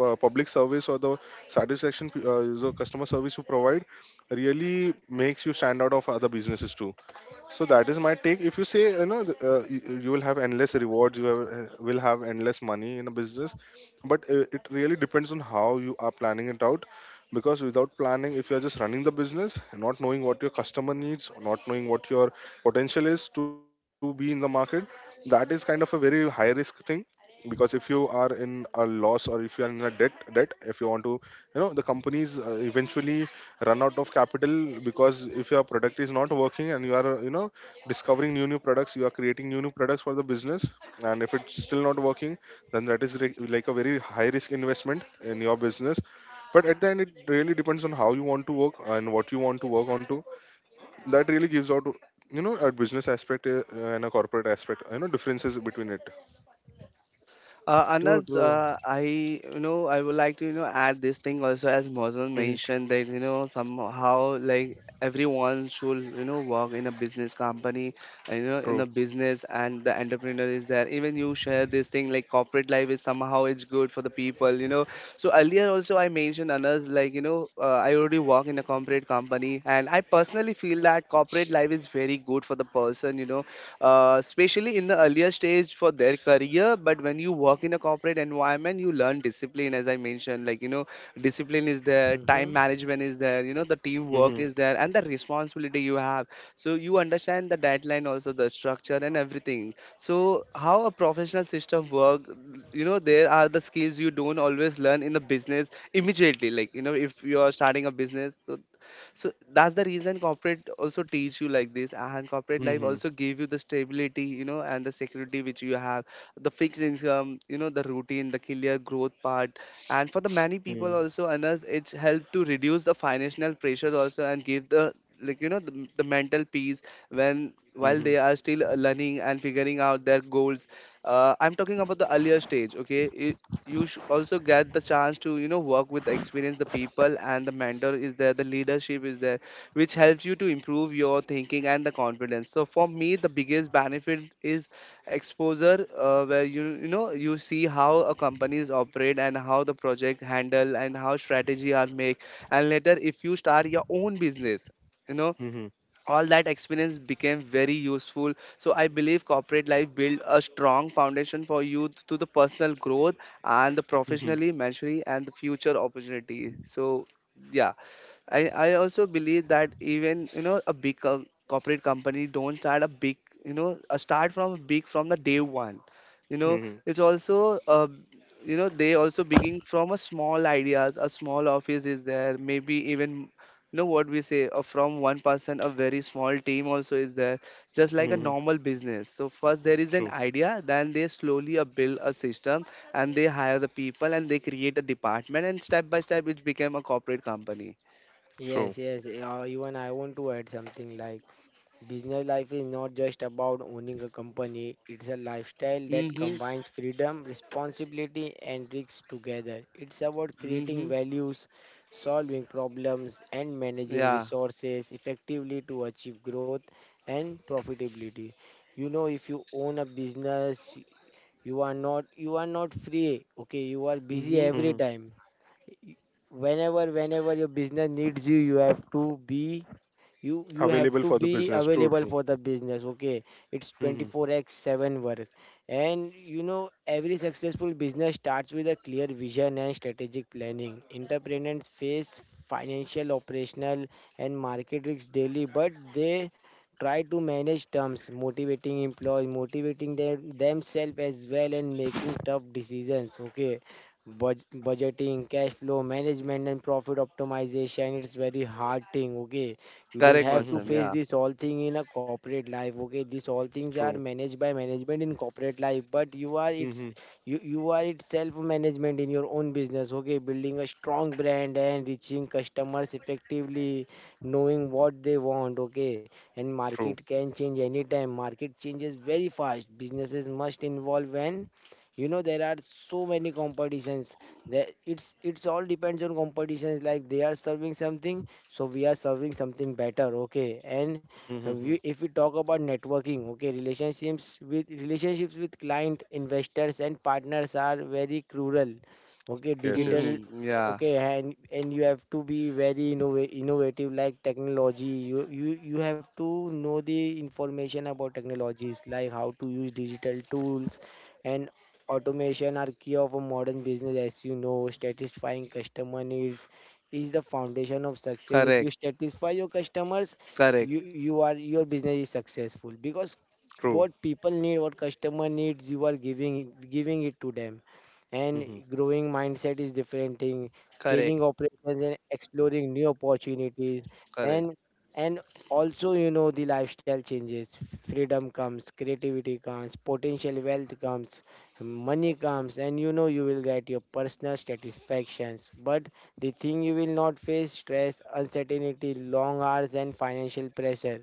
Speaker 1: uh, public service or the satisfaction, uh, the customer service you provide really makes you stand out of other businesses too. So that is my take. If you say you know th- uh, you, you will have endless rewards, you have, uh, will have endless money in a business, but uh, it really depends on how you are planning it out. Because without planning, if you are just running the business, not knowing what your customer needs, not knowing what your potential is to be in the market, that is kind of a very high risk thing. Because if you are in a loss or if you are in a debt debt, if you want to you know the companies uh, eventually run out of capital, because if your product is not working and you are you know discovering new new products, you are creating new new products for the business, and if it's still not working, then that is re- like a very high risk investment in your business. But at the end, it really depends on how you want to work and what you want to work on to. That really gives out you know a business aspect, uh, and a corporate aspect, you know, differences between it.
Speaker 2: Uh,
Speaker 3: True,
Speaker 2: Anas,
Speaker 3: true.
Speaker 2: uh, I, you know, I would like to, you know, add this thing also, as Mozan
Speaker 1: Mhm.
Speaker 2: mentioned that, you know, somehow like everyone should, you know, work in a business company, uh, you know, in
Speaker 1: True.
Speaker 2: a business and the entrepreneur is there, even you share this thing like corporate life is somehow it's good for the people, you know. So earlier also I mentioned Anas, like, you know, uh, I already work in a corporate company, and I personally feel that corporate life is very good for the person, you know, uh, especially in the earlier stage for their career. But when you work in a corporate environment, you learn discipline, as I mentioned. Like, you know, discipline is there,
Speaker 3: Mm-hmm.
Speaker 2: time management is there, you know, the teamwork
Speaker 1: Mhm.
Speaker 2: is there, and the responsibility you have. So you understand the deadline, also the structure, and everything. So, how a professional system work, you know, there are the skills you don't always learn in the business immediately. Like, you know, if you are starting a business, so so that's the reason corporate also teach you like this, and corporate life
Speaker 1: Mhm.
Speaker 2: also give you the stability, you know, and the security which you have, the fixed income, you know, the routine, the clear growth part. And for the many people
Speaker 1: Mhm.
Speaker 2: also, Anas, it's helped to reduce the financial pressure also, and give the, like you know, the, the mental peace when while
Speaker 1: Mhm.
Speaker 2: they are still uh, learning and figuring out their goals. uh, I'm talking about the earlier stage, okay. I- you sh- also get the chance to, you know, work with the experience the people, and the mentor is there, the leadership is there, which helps you to improve your thinking and the confidence. So for me the biggest benefit is exposure, uh, where you you know, you see how a companies operate, and how the project handle, and how strategy are make. And later if you start your own business, you know,
Speaker 1: Mhm.
Speaker 2: all that experience became very useful. So I believe corporate life built a strong foundation for you to the personal growth, and the
Speaker 1: Mhm.
Speaker 2: professionally maturity and the future opportunity. So, yeah. I, I also believe that even you know a big co- corporate company don't start a big, you know, a start from big from the day one, you know,
Speaker 1: Mhm.
Speaker 2: it's also uh, you know they also begin from a small ideas, a small office is there, maybe even you know what we say uh, from one person, a very small team also is there, just like a
Speaker 1: Mhm.
Speaker 2: normal business. So first there is an
Speaker 1: True.
Speaker 2: idea, then they slowly uh, build a system and they hire the people and they create a department, and step by step it became a corporate company.
Speaker 1: True.
Speaker 3: Yes, yes. eh, Uh, even I want to add something, like, business life is not just about owning a company, it's a lifestyle that
Speaker 2: Mm-hmm.
Speaker 3: combines freedom, responsibility, and risks together. It's about creating
Speaker 2: Mm-hmm.
Speaker 3: values, solving problems, and managing
Speaker 2: Yeah.
Speaker 3: resources effectively to achieve growth and profitability. You know, if you own a business, you are not you are not free. Okay, you are busy
Speaker 2: Mm-hmm.
Speaker 3: every time, whenever whenever your business needs you, you have to be you you have
Speaker 1: Available
Speaker 3: to
Speaker 1: for the
Speaker 3: be
Speaker 1: business. True,
Speaker 3: available
Speaker 1: true.
Speaker 3: for the business, okay. It's
Speaker 1: Mhm.
Speaker 3: twenty-four by seven work. And you know, every successful business starts with a clear vision and strategic planning. Entrepreneurs face financial, operational, and market risks daily, but they try to manage terms, motivating employees, motivating them, themselves as well, and making tough decisions, okay. Bud- budgeting, cash flow management, and profit optimization, it's very hard thing, okay. You don't
Speaker 2: Correct,
Speaker 3: have to
Speaker 2: Muslim.
Speaker 1: Mhm.
Speaker 3: face
Speaker 2: Yeah.
Speaker 3: this all thing in a corporate life. Okay, these all things are
Speaker 1: True.
Speaker 3: managed by management in corporate life, but you are it's
Speaker 1: Mhm.
Speaker 3: you you are it's self management in your own business. Okay, building a strong brand and reaching customers effectively, knowing what they want. Okay, and
Speaker 1: True.
Speaker 3: market can change anytime. Market changes very fast. Businesses must involve, and you know there are so many competitions that it's it's all depends on competitions, like they are serving something, so we are serving something better, okay. And
Speaker 1: Mhm.
Speaker 3: we, if we talk about networking, okay, relationships with relationships with client, investors, and partners are very crucial, okay.
Speaker 1: Yes,
Speaker 3: Digital—
Speaker 1: yes,
Speaker 2: Mm-hmm.
Speaker 3: uh,
Speaker 2: Yeah.
Speaker 3: okay, and and you have to be very innova- innovative, like technology, you, you you have to know the information about technologies, like how to use digital tools, and automation are key of a modern business. As you know, satisfying customer needs is the foundation of success. If you
Speaker 2: Correct.
Speaker 3: satisfy your customers,
Speaker 2: Correct.
Speaker 3: you you are— your business is successful because
Speaker 1: true.
Speaker 3: what people need, what customer needs, you are giving giving it to them. And
Speaker 1: Mhm.
Speaker 3: growing mindset is different thing,
Speaker 2: Correct.
Speaker 3: scaling operations and exploring new opportunities,
Speaker 2: Correct.
Speaker 3: and and also, you know, the lifestyle changes. Freedom comes, creativity comes, potential wealth comes, money comes, and you know you will get your personal satisfactions. But they think you will not face stress, uncertainty, long hours, and financial pressure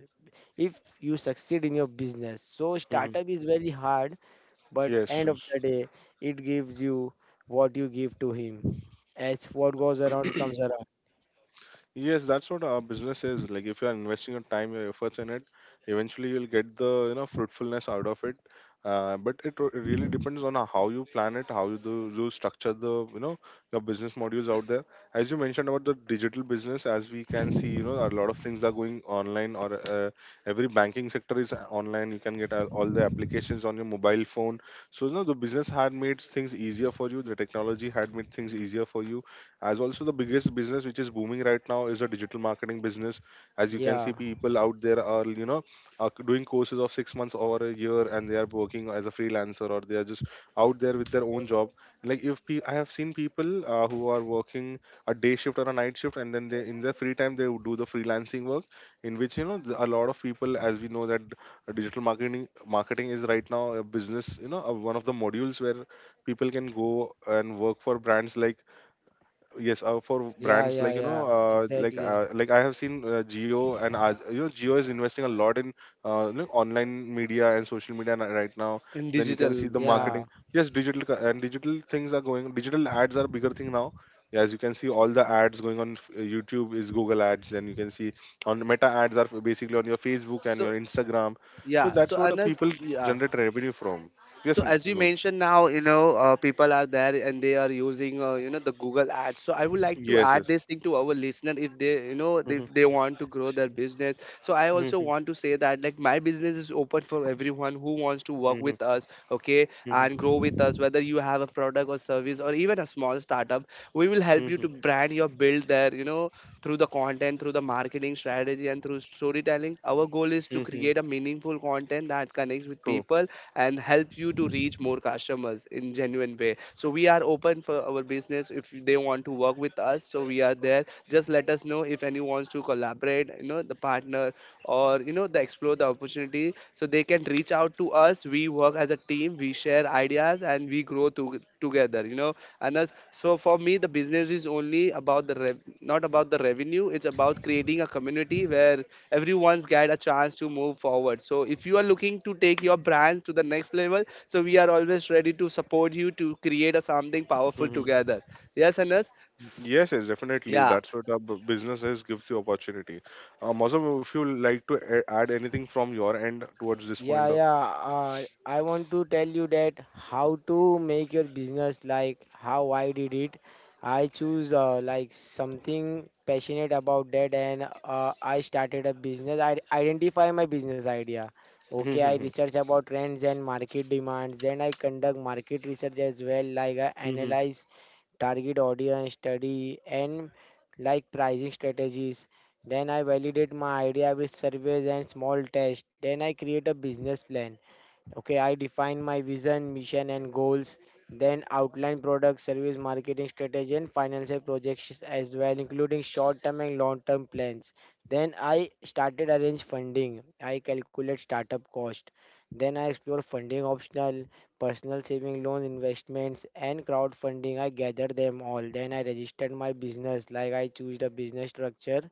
Speaker 3: if you succeed in your business. So,
Speaker 1: Mhm.
Speaker 3: startup is very hard, but
Speaker 1: Yes,
Speaker 3: end of
Speaker 1: yes.
Speaker 3: the day, it gives you what you give to him, as what goes around comes around.
Speaker 1: Yes, that's what our business is. Like if you are investing your time, your efforts in it, eventually you'll get the you know fruitfulness out of it. Uh, but it r- really depends on how you plan it, how you do you structure the you know your business modules out there. As you mentioned about the digital business, as we can see, you know a lot of things are going online, or uh, every banking sector is online. You can get uh, all the applications on your mobile phone. So you know the business had made things easier for you. The technology had made things easier for you, as also the biggest business which is booming right now is a digital marketing business. As you can
Speaker 3: Yeah,
Speaker 1: see people out there are you know are doing courses of six months or a year, and they are working as a freelancer or they are just out there with their own job. Like if pe- I have seen people uh, who are working a day shift or a night shift, and then they in their free time they would do the freelancing work, in which you know th- a lot of people, as we know that uh, digital marketing marketing is right now a business, you know, uh, one of the modules where people can go and work for brands like yes uh, for
Speaker 3: yeah,
Speaker 1: brands
Speaker 3: yeah,
Speaker 1: like you know
Speaker 3: yeah,
Speaker 1: uh, like
Speaker 3: exactly.
Speaker 1: uh, like I have seen uh, Geo, and uh, you know Geo is investing a lot in uh, you know online media and social media n- right now,
Speaker 2: In
Speaker 1: then you can
Speaker 2: digital.
Speaker 1: see the
Speaker 2: Yeah.
Speaker 1: marketing.
Speaker 3: Yeah,
Speaker 1: Yes, digital co- and digital things are going, digital ads are a bigger thing now. As you can see all the ads going on f- YouTube is Google ads, and you can see on Meta ads are basically on your Facebook and
Speaker 2: So.
Speaker 1: your Instagram. So
Speaker 2: Yeah,
Speaker 1: that's
Speaker 2: so
Speaker 1: what uh,
Speaker 2: Anas,
Speaker 1: people
Speaker 2: yeah.
Speaker 1: generate revenue from. Yes.
Speaker 2: So as you
Speaker 1: No.
Speaker 2: mentioned now, you know, uh, people are there and they are using, uh, you know, the Google ads. So I would like to
Speaker 1: Yes,
Speaker 2: add
Speaker 1: yes.
Speaker 2: this thing to our listener if they, you know,
Speaker 1: Mhm.
Speaker 2: if they want to grow their business. So I also
Speaker 1: Mhm.
Speaker 2: want to say that like my business is open for everyone who wants to work
Speaker 1: Mhm.
Speaker 2: with us, okay, and grow with us. Whether you have a product or service or even a small startup, we will help you
Speaker 1: Mhm.
Speaker 2: to brand your build there, you know, through the content, through the marketing strategy, and through storytelling. Our goal is to
Speaker 1: Mhm.
Speaker 2: create a meaningful content that connects with
Speaker 1: True.
Speaker 2: people and help you to reach more customers in genuine way. So we are open for our business if they want to work with us, so we are there, just let us know if anyone wants to collaborate, you know, the partner or you know the explore the opportunity, so they can reach out to us. We work as a team, we share ideas, and we grow to, together, you know, and us. So for me the business is only about the rev- not about the revenue, it's about creating a community where everyone's get a chance to move forward. So if you are looking to take your brand to the next level, so we are always ready to support you to create a something powerful
Speaker 1: Hmm.
Speaker 2: together. Yes, Anas?
Speaker 1: Yes, yes, definitely.
Speaker 2: Yeah,
Speaker 1: That's what a b- business is, gives you opportunity. Uh, Mausam, if you like to a- add anything from your end towards this
Speaker 3: yeah,
Speaker 1: point. uh,
Speaker 3: yeah. Uh, I want to tell you that how to make your business, like how I did it. I choose, uh, like, something passionate about that, and uh, I started a business. I identify my business idea. Okay, I
Speaker 1: Mhm,
Speaker 3: research about trends and market demands. Then I conduct market research as well. Like, I
Speaker 1: mhm,
Speaker 3: analyze target audience, study, and like pricing strategies. Then I validate my idea with surveys and small tests. Then I create a business plan. Okay, I define my vision, mission, and goals, then outline product, service, marketing strategy, and financial projections as well, including short term and long term plans. Then I started arrange funding. I calculate startup cost. Then I explore funding optional, personal saving loan investments, and crowdfunding. I gather them all. Then I registered my business, like I choose the business structure,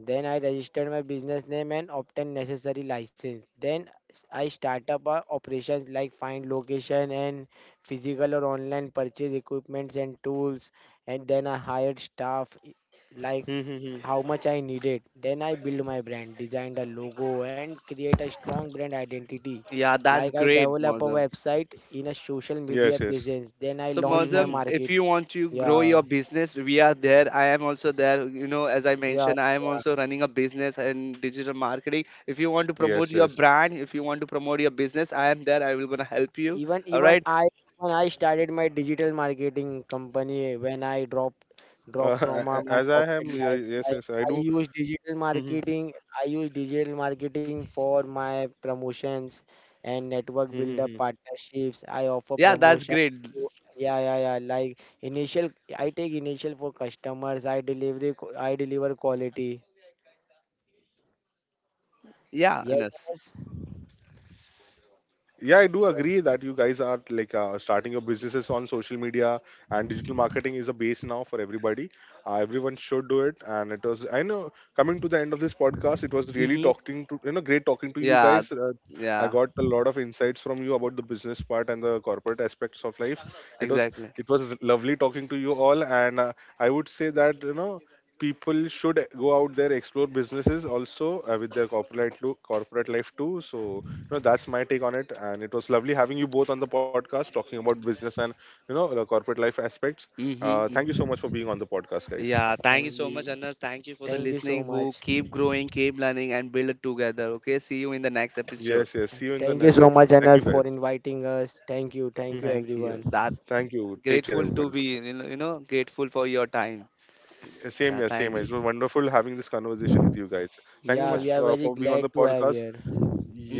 Speaker 3: then I registered my business name and obtained necessary license. Then I start up uh, operations, like find location and physical or online, purchase equipments and tools. And then I hired staff, i- like,
Speaker 1: mhm, mhm.
Speaker 3: how much I needed. Then I build my brand, designed a logo and create a strong brand identity.
Speaker 2: yeah, that's
Speaker 3: Like, I
Speaker 2: great,
Speaker 3: develop a
Speaker 2: Mozam.
Speaker 3: website in a social media
Speaker 1: Yes, yes.
Speaker 3: presence. Then I
Speaker 2: So
Speaker 3: launch
Speaker 1: Mhm,
Speaker 3: my
Speaker 2: Mozam,
Speaker 1: mhm.
Speaker 2: if
Speaker 3: market.
Speaker 2: you want to grow your
Speaker 3: Yeah,
Speaker 2: business, we are there. I am also there. You know, as I
Speaker 3: yeah,
Speaker 2: mentioned, I am
Speaker 3: yeah.
Speaker 2: also running a business and digital marketing. If you want to promote
Speaker 1: Yes,
Speaker 2: your
Speaker 1: yes.
Speaker 2: brand, if you want to promote your business, I am there. I will gonna help you.
Speaker 3: Even
Speaker 2: All
Speaker 3: even
Speaker 2: right?
Speaker 3: I, when I started my digital marketing company, when I dropped
Speaker 1: Uh,
Speaker 3: dropped from
Speaker 1: a-
Speaker 3: uh,
Speaker 1: a-
Speaker 3: my
Speaker 1: as I
Speaker 3: corporate
Speaker 1: am,
Speaker 3: life,
Speaker 1: ye- yes,
Speaker 3: like,
Speaker 1: yes, I
Speaker 3: I
Speaker 1: do.
Speaker 3: use digital
Speaker 1: Mhm,
Speaker 3: marketing. I use digital marketing for my promotions and network, build up
Speaker 1: mhm,
Speaker 3: partnerships. I offer
Speaker 2: Yeah, that's
Speaker 3: promotion
Speaker 2: great.
Speaker 3: to— Yeah, yeah, yeah. Like, initial, I take initial for customers. I deliver. I deliver quality.
Speaker 2: Yeah,
Speaker 3: Yes,
Speaker 2: Anas.
Speaker 3: yes.
Speaker 1: yeah, I do agree that you guys are like uh, starting your businesses on social media, and digital marketing is a base now for everybody. Uh, everyone should do it, and it was I know coming to the end of this podcast, it was really
Speaker 2: Mm-hmm.
Speaker 1: talking to you know great talking to you
Speaker 2: Yeah,
Speaker 1: guys. uh, I
Speaker 2: yeah,
Speaker 1: got a lot of insights from you about the business part and the corporate aspects of life. It was,
Speaker 2: exactly.
Speaker 1: it was lovely talking to you all, and uh, I would say that you know people should go out there, explore businesses also uh, with their corporate lo- corporate life too. So you know that's my take on it, and it was lovely having you both on the podcast talking about business and you know the corporate life aspects.
Speaker 2: Mm-hmm,
Speaker 1: Uh, thank you
Speaker 2: mm-hmm.
Speaker 1: so much for being on the podcast, guys.
Speaker 2: Yeah,
Speaker 3: Uh,
Speaker 2: thank you so much,
Speaker 3: ye-
Speaker 2: Anas. Thank you for the
Speaker 3: Thank you
Speaker 2: listening
Speaker 3: so
Speaker 2: who
Speaker 3: much.
Speaker 2: keep growing, keep learning, and build it together. Okay, see you in the next episode.
Speaker 1: Yes, yes, see you in the
Speaker 3: Thank you
Speaker 1: next
Speaker 3: so
Speaker 1: episode.
Speaker 3: much,
Speaker 1: Thank you,
Speaker 3: Anas,
Speaker 1: guys.
Speaker 3: for inviting us. Thank you. Thank you,
Speaker 1: Hmm.
Speaker 2: Thank you.
Speaker 3: everyone.
Speaker 2: That
Speaker 1: Thank you, take care,
Speaker 2: grateful to
Speaker 1: everybody.
Speaker 2: be, you know, you know, grateful for your time.
Speaker 1: Uh, same
Speaker 2: Yeah,
Speaker 1: here, same
Speaker 2: thank
Speaker 1: here.
Speaker 2: you.
Speaker 1: It was wonderful having this conversation with you guys. Thank you
Speaker 3: Yeah,
Speaker 2: Yeah.
Speaker 1: much
Speaker 3: we are
Speaker 1: uh,
Speaker 3: very
Speaker 1: for being on the
Speaker 3: glad to have
Speaker 1: podcast.
Speaker 3: here.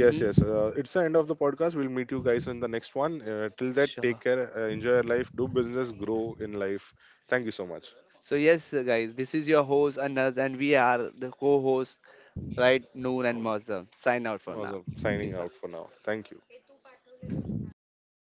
Speaker 1: Yes, yes, uh, it's the end of the podcast, we'll meet you guys in the next one. Uh, till that, take
Speaker 2: Sure.
Speaker 1: care, uh, enjoy your life, do business, grow in life. Thank you so much.
Speaker 2: So yes, uh, guys, this is your host Anas, and we are the co-host, right? Noor and Mazam. Sign out for now.
Speaker 1: Awesome, signing
Speaker 2: Peace out.
Speaker 1: out for now, thank you.